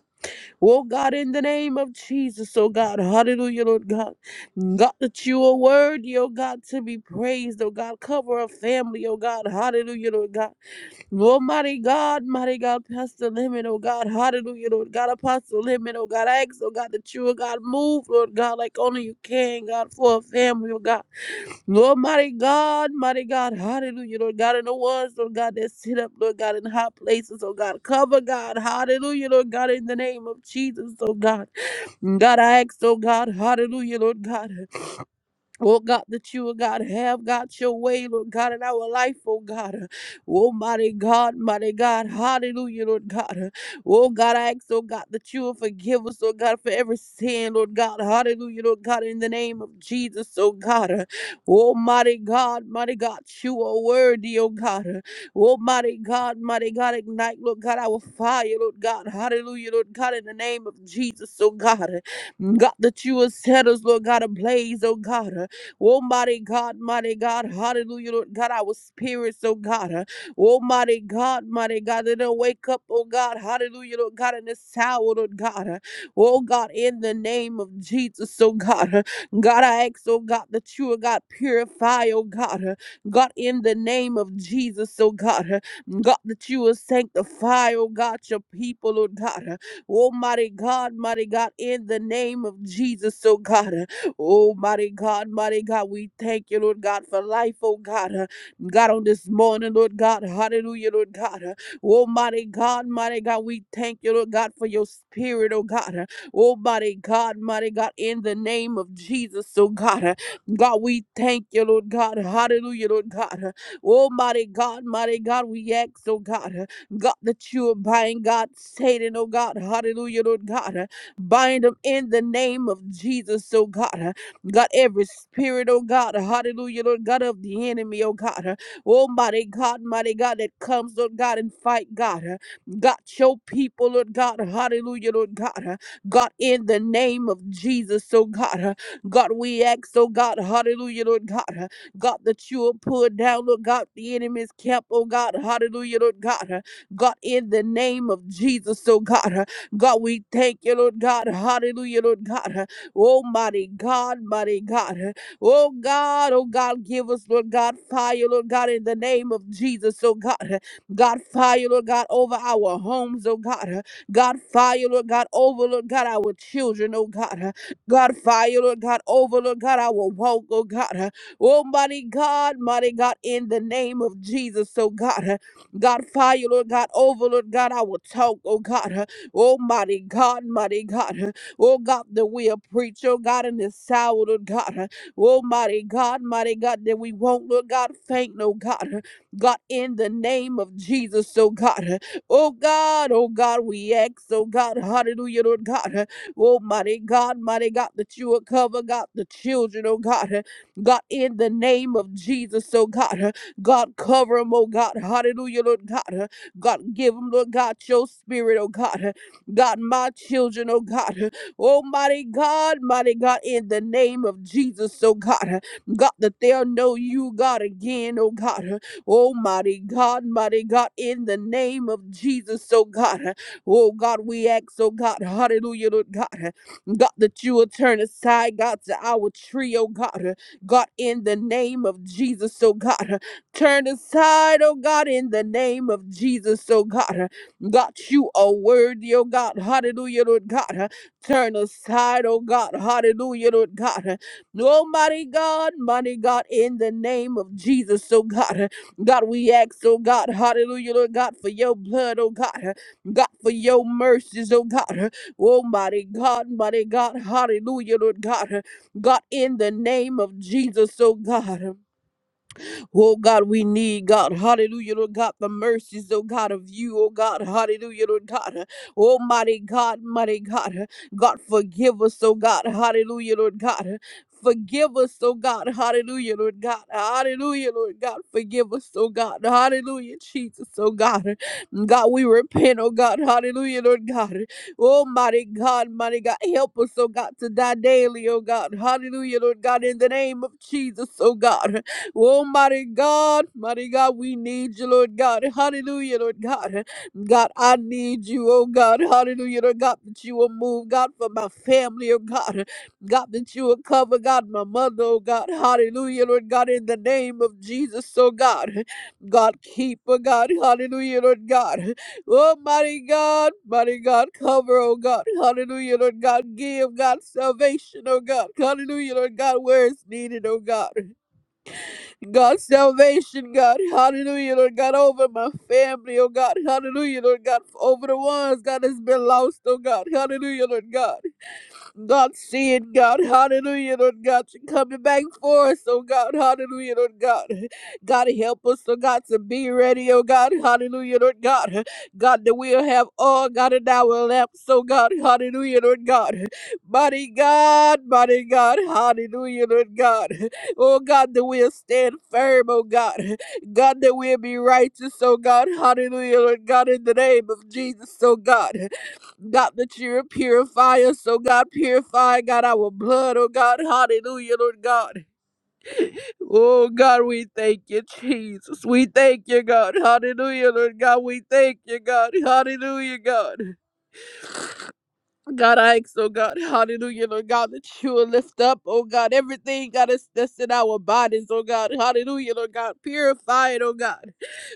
Speaker 4: Oh God, in the name of Jesus, oh God, hallelujah, Lord God. God, that you are worthy, oh God, to be praised, oh God. Cover a family, oh God, hallelujah, Lord God. Almighty God, mighty God, Pastor Lemon, oh God, hallelujah, Lord God, Apostle Lemon, oh God, I ask, oh God, that you, oh God, move, Lord God, like only you can, God, for a family, oh God. Lord, mighty God, mighty God, hallelujah, Lord God, and the ones, Lord God, that sit up, Lord God, in high places, oh God, cover God, hallelujah, Lord God, in the name of Jesus, oh God, God, I ask, oh God, hallelujah, Lord God, Oh God, that you, oh God, have got your way, Lord God, in our life, oh God. Oh mighty God, mighty God, hallelujah, Lord God. Oh God, I ask, oh God, that you will forgive us, oh God, for every sin, Lord God, hallelujah, Lord God, in the name of Jesus, oh God. Oh mighty God, mighty God, you are worthy, oh God. Oh mighty God, mighty God, ignite, Lord God, our fire, Lord God, hallelujah, Lord God, in the name of Jesus, oh God. God, that you will set us, Lord God, ablaze, oh God. Oh, mighty God, mighty God, hallelujah, Lord God, our spirits, oh God, uh, oh, mighty God, mighty God, that they'll wake up, oh God, hallelujah, Lord God, in this hour, Lord God, uh, oh God, in the name of Jesus, oh God, uh, God, I ask, oh God, that you, oh God, purify, oh God, uh, God, in the name of Jesus, oh God, uh, God, that you will sanctify, oh God, your people, oh God, uh, oh mighty God, mighty God, in the name of Jesus, oh God. uh, Oh, mighty God, mighty God, we thank you, Lord God, for life, oh God. Uh, God, on this morning, Lord God, hallelujah, Lord God. Uh, Oh, mighty God, mighty God, we thank you, Lord God, for your spirit, oh God. Uh, Oh, mighty God, mighty God, in the name of Jesus, oh God. Uh, God, we thank you, Lord God, hallelujah, Lord God. Uh, Oh, mighty God, mighty God, we ask, oh God, uh, God, that you are buying God, Satan, oh God, hallelujah, Lord God. Uh, Bind them in the name of Jesus, oh God. Uh, God, every spirit, oh God, hallelujah, Lord God of the enemy, oh God. Uh, Oh, mighty God, mighty God that comes, Lord God, and fight, God. Uh, God, your people, Lord God, hallelujah, Lord God. Uh, God, in the name of Jesus, oh God. Uh, God, we ask, oh God, hallelujah, Lord God. Uh, God, that you will pull down, Lord God, the enemy's camp, oh God, hallelujah, Lord God. Uh, God, in the name of Jesus, oh God. God, we thank you, Lord God. Hallelujah, Lord God. Oh, mighty God, mighty God. Oh, God, oh, God, give us, Lord God, fire, Lord God, in the name of Jesus. Oh, God, God, fire, Lord God, over our homes, oh, God. God, fire, Lord God, over, Lord God, our children, oh, God. God, fire, Lord God, over, Lord God, our walk, oh, God. Oh, mighty God, mighty God, in the name of Jesus, oh, God. God, fire, Lord God, over, Lord God, our talk, oh God. Oh, mighty God, mighty God. Oh, God, that we'll preach, oh, God, in this hour, Lord God. Oh, mighty God, mighty God, that we won't, Lord God, faint, no God. God, in the name of Jesus, oh, God. Oh, God, oh, God, we ask, oh, God, hallelujah, Lord God. Oh, mighty God, mighty God, that you will cover, God, the children, oh, God. God, in the name of Jesus, oh, God. God, cover them, oh, God, hallelujah, Lord God. God, give them, Lord God, your spirit, oh God. God, my children, oh God. oh mighty God, mighty God, in the name of Jesus, oh God. God, that they'll know you, God, again, oh God. oh mighty God, mighty God, in the name of Jesus, oh God. Oh God, we ask, oh God, hallelujah, Lord God. God, that you will turn aside, God, to our tree, oh God. God, in the name of Jesus, oh God. Turn aside, oh God, in the name of Jesus, oh God. God, you are worthy, oh God. Hallelujah, Lord God. Uh, Turn aside, oh God. Hallelujah, Lord God. Uh, Almighty God, mighty God, in the name of Jesus, oh God. Uh, God, we ask, oh God, hallelujah, Lord God, for your blood, oh God. Uh, God, for your mercies, oh God. Uh, Almighty God, mighty God, hallelujah, Lord God. Uh, God, in the name of Jesus, oh God. Oh God, we need God. Hallelujah, Lord God, the mercies, oh God, of you, oh God. Hallelujah, Lord God. Almighty God, mighty God. God, forgive us, oh God. Hallelujah, Lord God. Forgive us, oh God. Hallelujah, Lord God. Hallelujah, Lord God. Forgive us, oh God. Hallelujah, Jesus, oh God. God, we repent, oh God. Hallelujah, Lord God. Oh, mighty God, mighty God, help us, oh God, to die daily, oh God. Hallelujah, Lord God, in the name of Jesus, oh God. Oh, mighty God, mighty God, we need you, Lord God. Hallelujah, Lord God. God, I need you, oh God. Hallelujah, Lord God, that you will move, God, for my family, oh God. God, that you will cover, God, my mother, oh God. Hallelujah, Lord God, in the name of Jesus, oh God. God, keep, oh God. Hallelujah, Lord God. Oh, mighty God, mighty God, cover, oh God. Hallelujah, Lord God. Give, God, salvation, oh God. Hallelujah, Lord God, where it's needed, oh God. God, salvation, God, hallelujah, Lord God, over my family, oh God, hallelujah, Lord God, over the ones, God, has been lost, oh God, hallelujah, Lord God. God seeing God, hallelujah, Lord God, you coming back for us, oh God, hallelujah, Lord God. God help us, oh God, to be ready, oh God, hallelujah, Lord God. God, that we'll have all God in our lamps, oh God, hallelujah, Lord God. Mighty God, mighty God, hallelujah, Lord God. Oh God, that we'll stand firm, oh God. God, that we'll be righteous, oh God, hallelujah, Lord God, in the name of Jesus, oh God. God, that you're a purifier. So, God, purify, God, our blood. Oh, God, hallelujah, Lord God. Oh, God, we thank you, Jesus. We thank you, God. Hallelujah, Lord God. We thank you, God. Hallelujah, God. God, I ask, oh God, hallelujah, Lord God, that you will lift up, oh God, everything, God, that's, that's in our bodies, oh God, hallelujah, Lord God, purify it, oh God.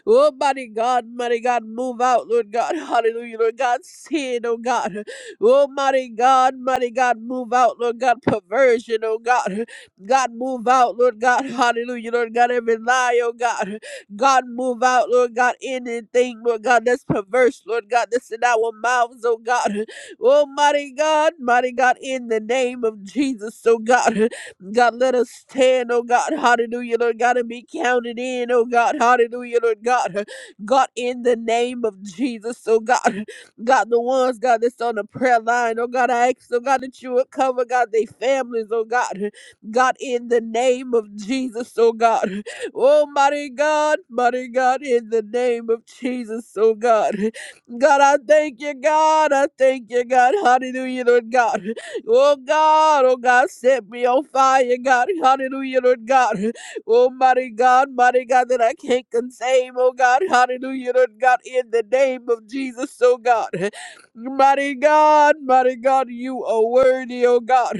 Speaker 4: Oh, mighty God, mighty God, move out, Lord God, hallelujah, Lord God, sin, oh God. Oh, mighty God, mighty God, move out, Lord God, perversion, oh God. God, move out, Lord God, hallelujah, Lord God, every lie, oh God. God, move out, Lord God, anything, Lord God, that's perverse, Lord God, that's in our mouths, oh God. Oh, mighty God, mighty God, in the name of Jesus, oh God, God, let us stand, oh God, hallelujah, Lord God, and be counted in, oh God, hallelujah, Lord God, God, in the name of Jesus, oh God, God, the ones, God, that's on the prayer line, oh God, I ask, oh God, that you would cover, God, their families, oh God, God, in the name of Jesus, oh God, oh mighty God, mighty God, in the name of Jesus, oh God. God, I thank you, God. I thank you, God. Hallelujah, Lord God. Oh, God, oh, God, set me on fire, God. Hallelujah, Lord God. Oh, mighty God, mighty God, that I can't conceive, oh, God. Hallelujah, Lord God, in the name of Jesus, oh, God. Mighty God, mighty God, you are worthy, oh, God.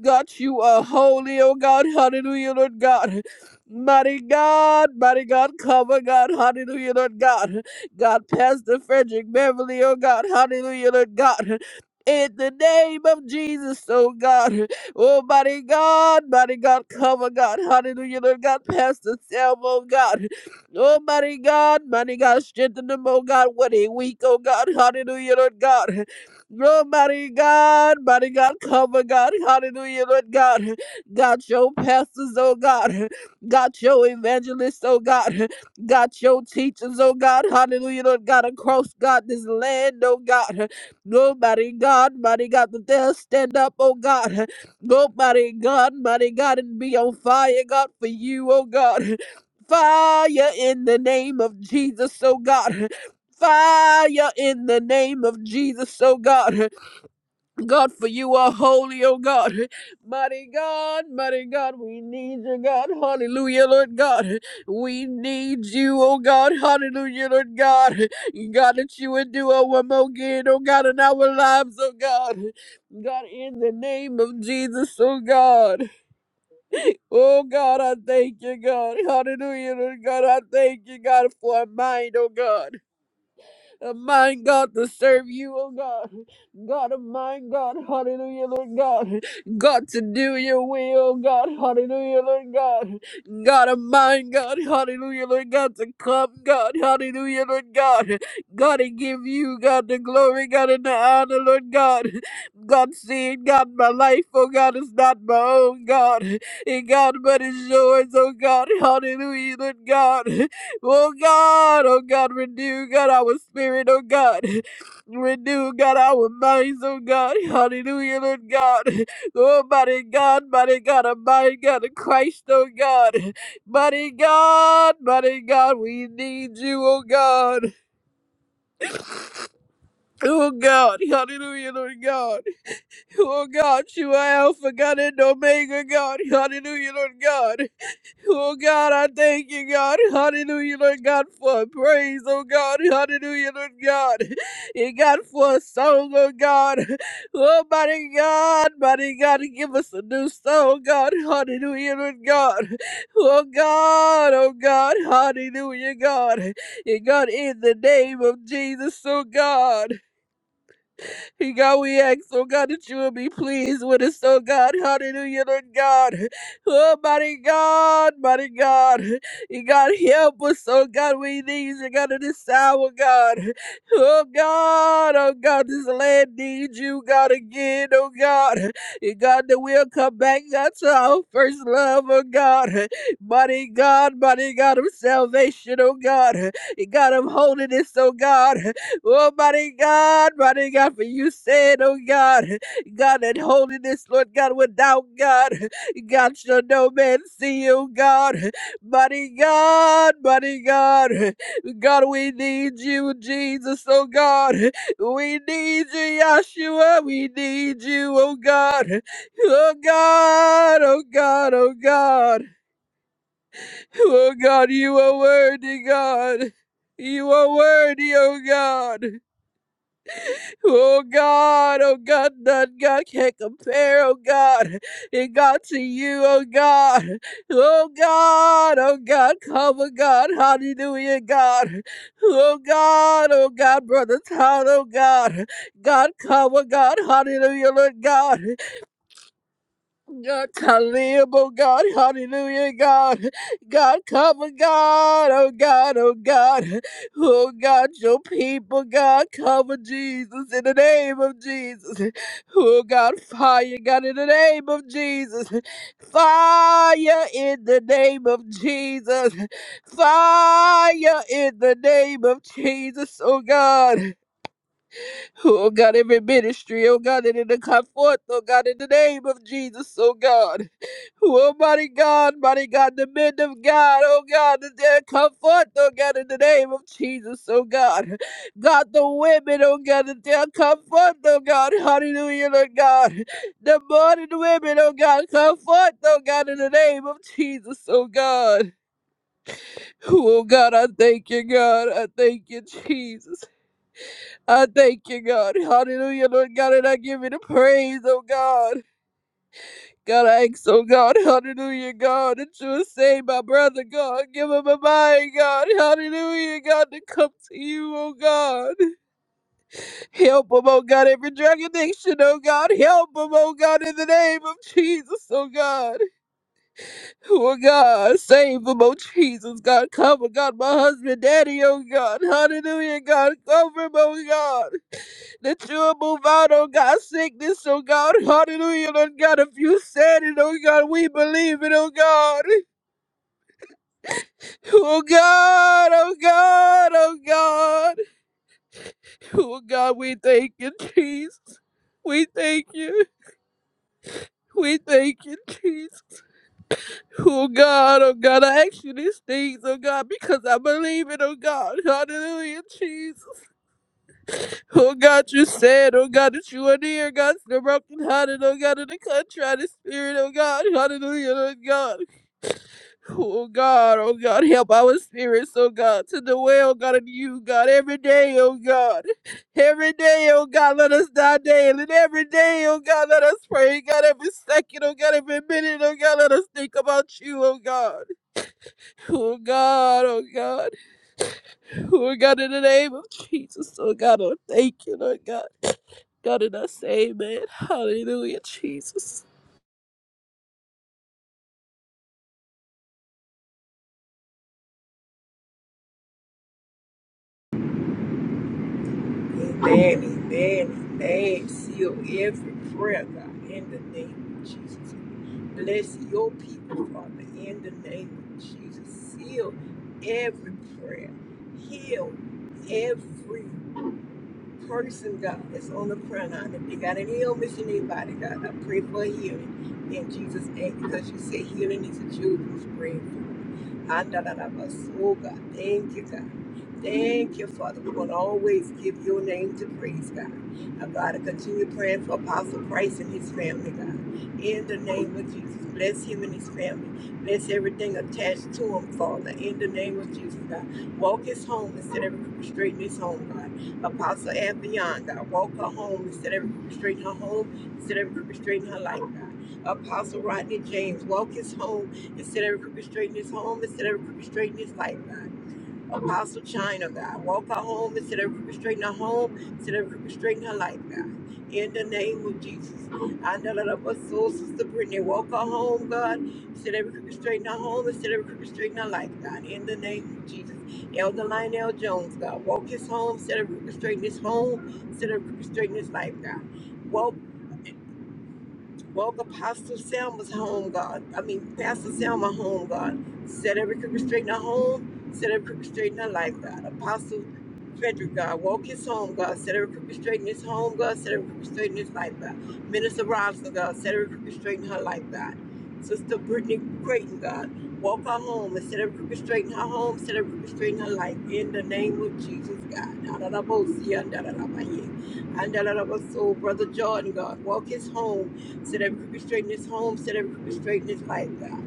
Speaker 4: God, you are holy, oh, God. Hallelujah, Lord God. Mighty God, mighty God, cover, God. Hallelujah, Lord God. God, Pastor Frederick Beverly, oh God, hallelujah, Lord God. In the name of Jesus, oh God. Oh, mighty God, mighty God, cover God. Hallelujah, Lord God. Pastor Selma, oh God. Oh, mighty God, mighty God, strengthen them, oh God, what a week, oh God. Hallelujah, Lord God. Oh, mighty God, mighty God, cover God. Hallelujah, Lord God. Got your pastors, oh God. Got your evangelists, oh God. God, your teachers, oh God, hallelujah, Lord God, across God, this land, oh God, nobody, God, mighty God, that they'll stand up, oh God, nobody, God, mighty God, and be on fire, God, for you, oh God, fire in the name of Jesus, oh God. Fire in the name of Jesus, oh God. God, for you are holy, oh God. Mighty God, mighty God, we need you, God. Hallelujah, Lord God. We need you, oh God. Hallelujah, Lord God. God, that you would do a one more again, oh God, in our lives, oh God. God, in the name of Jesus, oh God. Oh God, I thank you, God. Hallelujah, Lord God. I thank you, God, for a mind, oh God a mind, God, to serve you, oh God. God of mine, God, hallelujah, Lord God. God to do your will, oh God, hallelujah, Lord God. God of mine, God, hallelujah, Lord God, to come, God, hallelujah, Lord God. God, to give you, God, the glory, God, and the honor, Lord God. God, seeing, God, my life, oh God, is not my own, God. And God, but is yours, oh God, hallelujah, Lord God. Oh God, oh God, renew God our spirit, oh God. Renew God our minds, oh God. Hallelujah, Lord God. Oh mighty God, mighty God, a mighty God of Christ, oh God. Mighty God, mighty God, we need you, oh God. Oh God, hallelujah, Lord God. Oh God, you are Alpha, God, and Omega, God. Hallelujah, Lord God. Oh God, I thank you, God. Hallelujah, Lord God, for praise, oh God. Hallelujah, Lord God. You got for a song, oh God. Oh mighty God, mighty God, give us a new song, oh, God. Hallelujah, Lord God. Oh God, oh God, hallelujah, God. And God, in the name of Jesus, oh God. He God, we ask, oh God, that you will be pleased with us, oh God. Hallelujah, Lord God. Oh, mighty God, mighty God. He God, help us, oh God. We need you, God, in this hour, God. Oh God, oh God, this land needs you, God, again, oh God. he God, that we'll come back, God, to our first love, oh God. Mighty God, mighty God of salvation, oh God. he God of holiness, oh God. Oh, mighty God, mighty God, for you said, oh God, God, that holiness, Lord God, without God, God shall no man see, oh God. Mighty God, mighty God, God, we need you, Jesus, oh God. We need you, Yahshua, we need you, oh God. Oh God, oh God, oh God. Oh God, you are worthy, God. You are worthy, oh God. Oh God, oh God, none God can't compare, oh God, it got to you, oh God, oh God, oh God, come, oh God, hallelujah, God, oh God, oh God, brother Todd, oh God, God, come, oh God, hallelujah, Lord God, God, Khalib, oh God, hallelujah, God. God, cover God, oh God, oh God. Oh God, your people, God, cover Jesus in the name of Jesus. Oh God, fire, God, in the name of Jesus. Fire in the name of Jesus. Fire in the name of Jesus, oh God. Oh God, every ministry, oh God, that in the comfort, oh God, in the name of Jesus, oh God. Oh, mighty God, mighty God, the men of God, oh God, that they come forth, oh God, in the name of Jesus, oh God. God, the women, oh God, that they come forth, oh God, hallelujah, Lord God. The morning women, oh God, come forth, oh God, in the name of Jesus, oh God. Oh God, I thank you, God, I thank you, Jesus. I thank you, God. Hallelujah, Lord God, and I give you the praise, oh God. God, I ask, oh God, hallelujah, God, that you will save my brother, God. Give him a mind, God, hallelujah, God, to come to you, oh God. Help him, oh God, every drug addiction, oh God. Help him, oh God, in the name of Jesus, oh God. Oh God, save him, oh Jesus, God. Cover, God, my husband, daddy, oh God. Hallelujah, God. Cover him, oh God that you will move out, oh God, sickness, oh God, hallelujah, Lord God, if you said it, oh God, we believe it, oh God, oh God, oh God, oh God, oh God, we thank you, Jesus, we thank you, we thank you, Jesus. Oh God, oh God, I ask you these things, oh God, because I believe it, oh God. Hallelujah, Jesus. Oh God, you said, oh God, that you are near, God, to the brokenhearted, oh God, in the contrite spirit, oh God, hallelujah, oh God. Oh God, oh God, help our spirits, oh God, to the way, oh God, in you, God, every day, oh God. Every day, oh God, let us die daily. And every day, oh God, let us pray, God, every second, oh God, every minute, oh God, let us think about you, oh God. Oh God, oh God. Lord God, in the name of Jesus, Lord God, I thank you, Lord God. God, and I say amen. Hallelujah, Jesus.
Speaker 3: And Daddy, Daddy, Daddy, seal every prayer, God, in the name of Jesus. Bless your people, Father, in the name of Jesus. Seal every prayer. Heal every person, God, that's on the prayer line. If they got any illness in their body, God, I pray for healing in Jesus' name because you say healing is a children's bread. Andalabas. Oh, God, thank you, God. Thank you, Father. We're going to always give your name to praise, God. Now, God, to continue praying for Apostle Price and his family, God. In the name of Jesus, bless him and his family. Bless everything attached to him, Father. In the name of Jesus, God. Walk his home instead of straighten his home, God. Apostle and beyond, God. Walk her home instead of restrain her home, instead of restrain her life, God. Apostle Rodney James, walk his home instead of restrain his home, instead of restrain his life, God. Apostle China, God. Walk her home instead of restraining her home, instead of restraining her life, God. In the name of Jesus. I know that of us soul, Sister Brittany. Walk her home, God. Instead of restraining her home, instead of restraining her life, God. In the name of Jesus. Elder Lionel Jones, God. Walk his home instead of restraining his home, instead of restraining his life, God. Woke Apostle Selma's home, God. I mean, Pastor Selma home, God. Set every crooked straight in her home. Set every crooked straight in her life, God. Apostle Frederick, God. Walk his home, God. Set every crooked straight in his home, God. Set every crooked straight in his life, God. Minister Robinson, God. Set every crooked straight in her life, God. Sister Brittany Creighton, God. Walk her home and set every crooked straight in her home. Set every crooked straight in her life. In the name of Jesus, God. Da da da bo si, and da da da ba ye. And da da da ba so, Brother Jordan, God. Walk his home. Set every crooked straight in this home. Set every crooked straight in this life, God.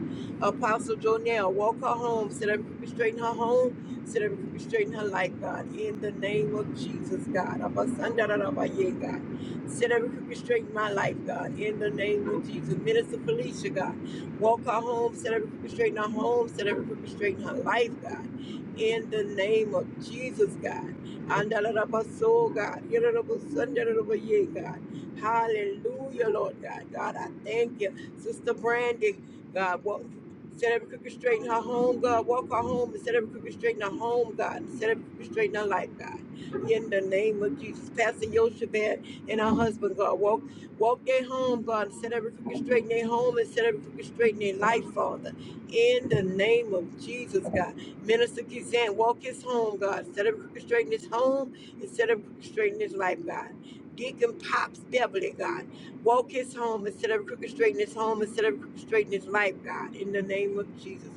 Speaker 3: Apostle Jonelle, walk her home. Set every crooked straight in her home. Set every crooked straight in her life, God. In the name of Jesus, God. Abasandarabaye, God. Set every crooked straight in my life, God. In the name of Jesus. Minister Felicia, God. Walk her home. Set every crooked straight in her home. Set every crooked straight in her life, God. In the name of Jesus, God. Andarabaso, God. Yerabasandarabaya, God. Hallelujah, Lord God. God, I thank you. Sister Brandy, God, walk, set every crooked straight in her home, God. Walk her home and set every crooked straight in her home, God. set every crooked straight in her life, God. In the name of Jesus. Pastor Yoshabed and her husband, God. Walk walk their home, God, set every crooked straight in their home and set every crooked straight in their life, Father. In the name of Jesus, God. Minister Kizan, walk his home, God. Set every crooked straight in his home and set every crooked straight in his life, God. Deacon Pop's Beverly, God. Walk his home instead of crooked straighten his home, instead of crooked straighten his life, God, in the name of Jesus.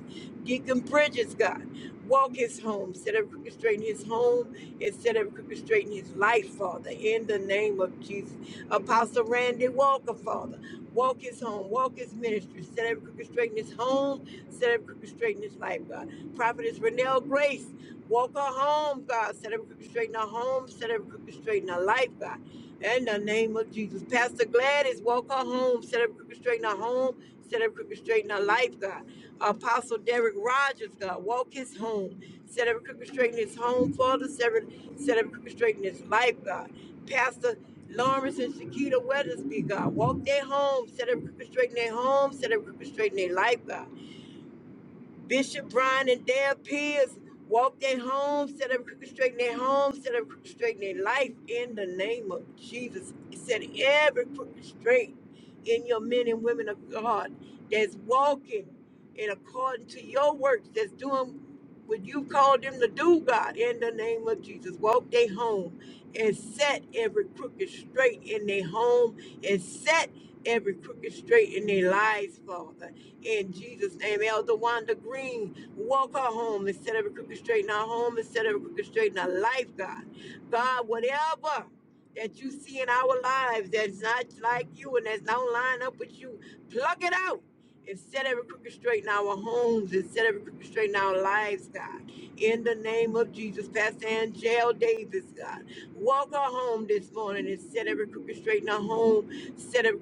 Speaker 3: Deacon Bridges, God. Walk his home instead of crooked straighten his home, instead of crooked straighten his life, Father, in the name of Jesus. Apostle Randy Walker, Father. Walk his home, walk his ministry, instead of crooked straighten his home, instead of crooked straighten his life, God. Prophetess Renelle Grace. Walk her home, God. Set up crooked straighten her home. Set up crooked straighten her life, God. In the name of Jesus. Pastor Gladys, walk her home, set up crooked straight in her home, set up crooked straight in her life, God. Apostle Derek Rogers, God, walk his home, set up crooked straight in his home, Father, set up, set up crooked straight in his life, God. Pastor Lawrence and Shakita Weathersby, God, walk their home, set up crooked straight in their home, set up crooked straight in their life, God. Bishop Bryan and Dale Pierce walk their homes, set up straighten their homes, set up straighten their life in the name of Jesus. Set every crooked straight in your men and women of God that's walking in according to your works, that's doing what you called them to do, God, in the name of Jesus. Walk their home and set every crooked straight in their home and set every crooked straight in their lives, Father in Jesus' name, Elder Wanda Green, walk her home and set every crooked straight in our home and set every crooked straight in our life, God. God, whatever that you see in our lives that's not like you and that's not line up with you, plug it out. And set every crooked straight in our homes and set every crooked straight in our lives, God. In the name of Jesus, Pastor Angel Davis, God. Walk her home this morning and set every crooked straight in her home Set her,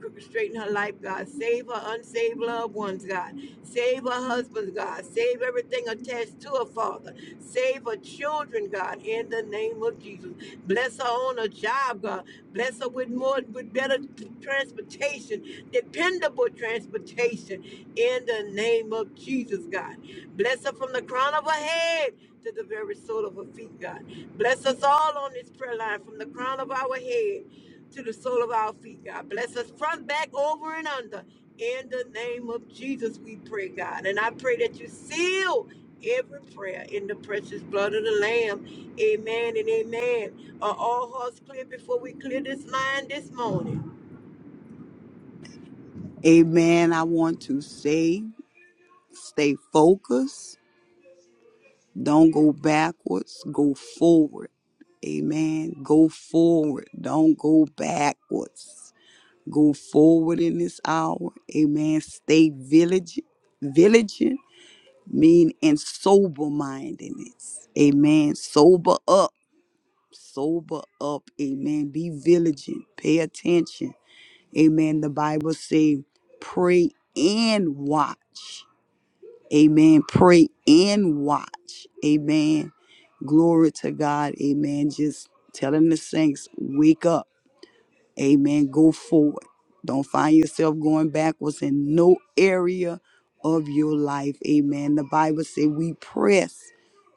Speaker 3: in her life, God. Save her unsaved loved ones, God. Save her husband, God. Save everything attached to her, Father. Save her children, God, in the name of Jesus. Bless her on her job, God. Bless her with more, with better transportation, dependable transportation, in the name of Jesus, God. Bless her from the crown of her head to the very sole of her feet, God. Bless us all on this prayer line from the crown of our head to the sole of our feet, God. Bless us front, back, over, and under. In the name of Jesus, we pray, God. And I pray that you seal every prayer in the precious blood of the Lamb. Amen and amen. Are all hearts clear before we clear this line this morning?
Speaker 2: Amen. I want to say. Stay focused. Don't go backwards. Go forward. Amen. Go forward. Don't go backwards. Go forward in this hour. Amen. Stay village, vigilant, mean and sober mindedness. Amen. Sober up. Sober up. Amen. Be vigilant. Pay attention. Amen. The Bible says, pray and watch. Amen. Pray and watch. Amen. Glory to God. Amen. Just telling the saints, wake up. Amen. Go forward. Don't find yourself going backwards in no area of your life. Amen. The Bible says we press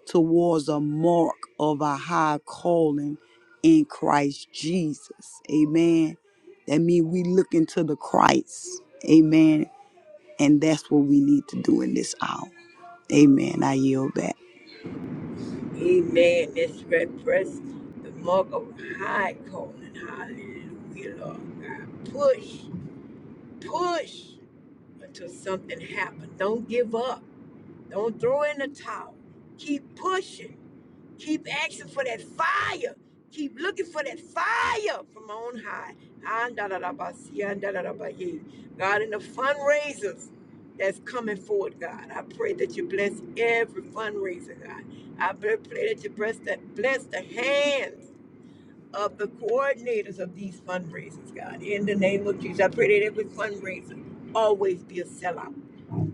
Speaker 2: towards a mark of a high calling in Christ Jesus. Amen. That means we look into the Christ. Amen. And that's what we need to do in this hour. Amen. I yield back.
Speaker 3: Amen. Let's red press the mark of high calling. Hallelujah, Lord God. Push, push until something happens. Don't give up. Don't throw in the towel. Keep pushing. Keep asking for that fire. Keep looking for that fire from on high. God, and the fundraisers that's coming forward, God, I pray that you bless every fundraiser, God. I pray pray that you bless the, bless the hands of the coordinators of these fundraisers, God. In the name of Jesus, I pray that every fundraiser always be a sellout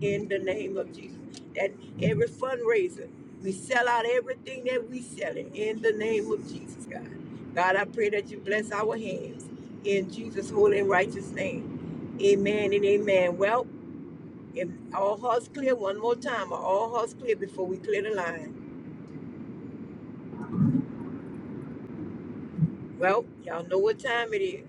Speaker 3: in the name of Jesus. That every fundraiser, we sell out everything that we selling in the name of Jesus, God. God, I pray that you bless our hands in Jesus' holy and righteous name. Amen and amen. Well, if all hearts clear one more time, or all hearts clear before we clear the line. Well, y'all know what time it is.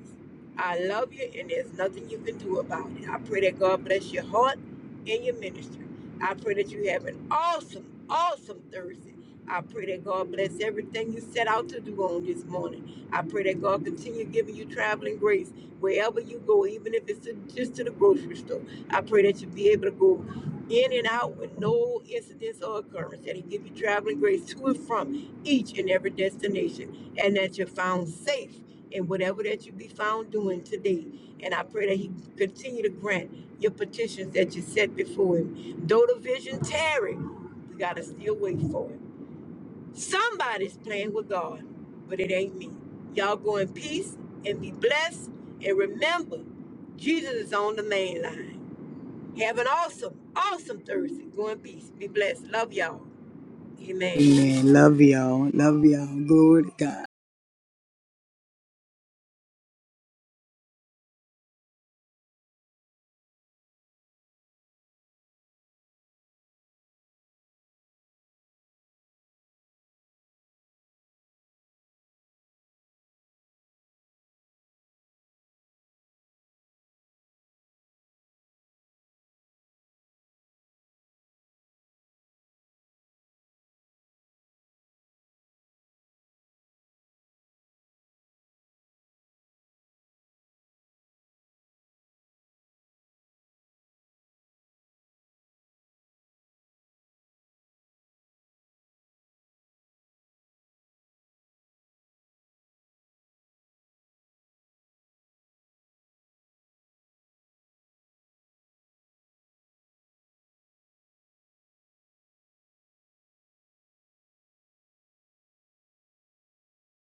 Speaker 3: I love you, and there's nothing you can do about it. I pray that God bless your heart and your ministry. I pray that you have an awesome, awesome Thursday. I pray that God bless everything you set out to do on this morning. I pray that God continue giving you traveling grace wherever you go, even if it's to, just to the grocery store. I pray that you be able to go in and out with no incidents or occurrence. That He give you traveling grace to and from each and every destination and that you're found safe in whatever that you be found doing today. And I pray that He continue to grant your petitions that you set before Him. Though the vision tarry, we gotta still wait for it. Somebody's playing with God, but it ain't me. Y'all go in peace and be blessed. And remember, Jesus is on the main line. Have an awesome, awesome Thursday. Go in peace. Be blessed. Love y'all. Amen.
Speaker 2: Amen. Love y'all. Love y'all. Glory to God.